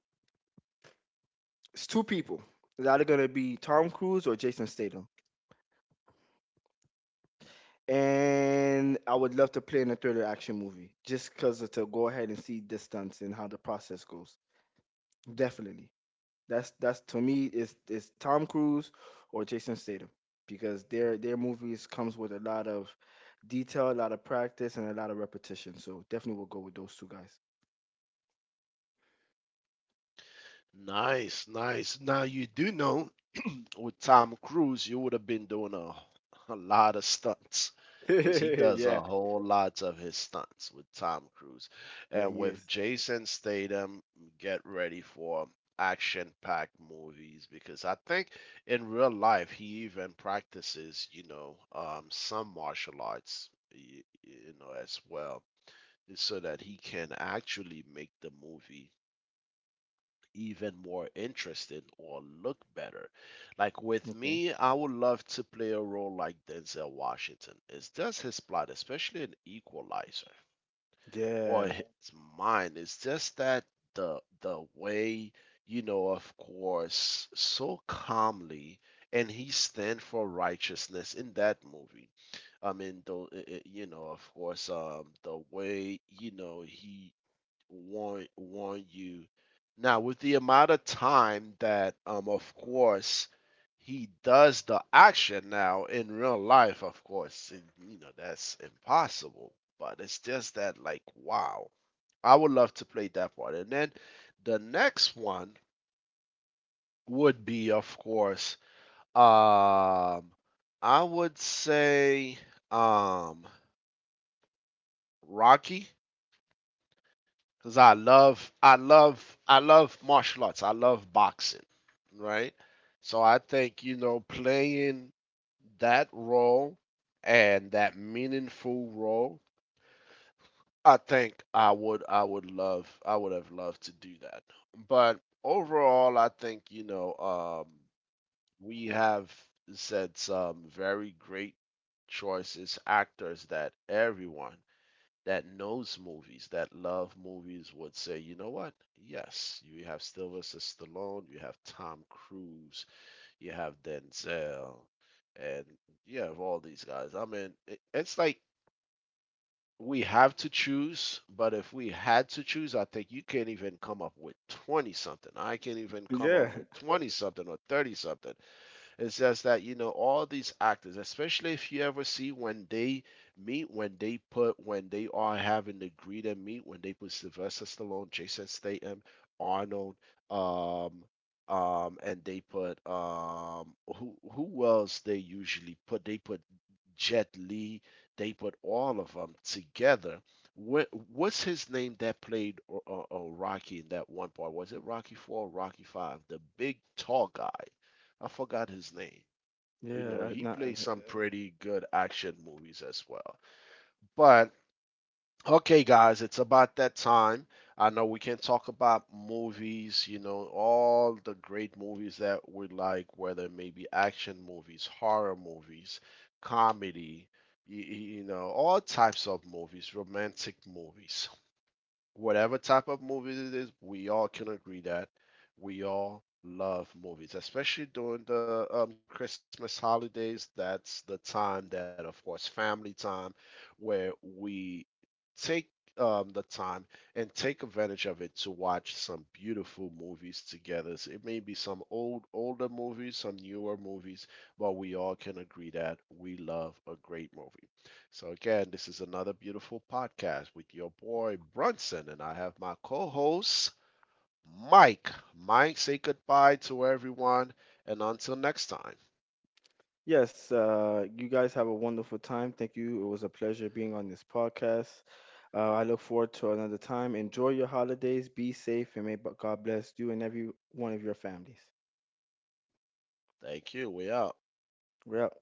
Speaker 2: It's two people. It's either gonna be Tom Cruise or Jason Statham. And I would love to play in a thriller action movie just because to go ahead and see the stunts and how the process goes. Definitely. That's to me is Tom Cruise or Jason Statham because their movies comes with a lot of detail, a lot of practice, and a lot of repetition. So definitely we'll go with those two guys.
Speaker 1: Nice, nice. Now you do know with Tom Cruise, you would have been doing a lot of stunts because he does a
Speaker 2: [laughs] Yeah,
Speaker 1: whole lot of his stunts with Tom Cruise.
Speaker 2: yeah,
Speaker 1: And
Speaker 2: he
Speaker 1: with
Speaker 2: is.
Speaker 1: Jason Statham, get ready for action packed movies because I think in real life he even practices, you know, some martial arts, you know, as well, so that he can actually make the movie even more interesting or look better. Like with
Speaker 2: Okay.
Speaker 1: me, I would love to play a role like Denzel Washington. It's just his plot, especially in Equalizer or
Speaker 2: Yeah,
Speaker 1: his mind. It's just that the way, you know, of course, so calmly, and he stand for righteousness in that movie. I mean, though, you know, of course, the way you know he warn you. Now, with the amount of time that, of course, he does the action now in real life, of course, you know that's impossible. But it's just that, like, wow, I would love to play that part. And then the next one would be, of course, um, I would say, um, Rocky. Because I love martial arts. I love boxing, right? So I think you know playing that role and that meaningful role. I would love, I would have loved to do that. But overall, I think you know um, we have said some very great choices, actors that everyone that knows movies, that love movies, would say, you know what? Yes, you have Sylvester Stallone, you have Tom Cruise, you have Denzel, and you have all these guys. I mean, it's like we have to choose, but if we had to choose, I think you can't even come up with 20 something. I can't even come
Speaker 2: yeah,
Speaker 1: up with 20 something or 30 something. It's just that you know all these actors, especially if you ever see when they meet, when they are having the greet and meet, when they put Sylvester Stallone, Jason Statham, Arnold, um, and they put who else they usually put? They put Jet Li. They put all of them together. What's his name that played Rocky in that one part? Was it Rocky Four or Rocky Five? The big tall guy. I forgot his name.
Speaker 2: [laughs]
Speaker 1: You know,
Speaker 2: yeah.
Speaker 1: he plays some pretty good action movies as well. But okay, guys, it's about that time. I know we can talk about movies, you know, all the great movies that we like, whether it may be action movies, horror movies, comedy, you know, all types of movies, romantic movies, whatever type of movies it is, we all can agree that we all love movies, especially during the Christmas holidays. That's the time that, of course, family time, where we take the time and take advantage of it to watch some beautiful movies together. So it may be some old, older movies, some newer movies, but we all can agree that we love a great movie. So, again, this is another beautiful podcast with your boy Brunson, and I have my co host, Mike. Mike, say goodbye to everyone, and until next time,
Speaker 2: Yes, you guys have a wonderful time. Thank you. It was a pleasure being on this podcast. I look forward to another time. Enjoy your holidays. Be safe and may God bless you and every one of your families.
Speaker 1: thank you. We out.
Speaker 2: We're out.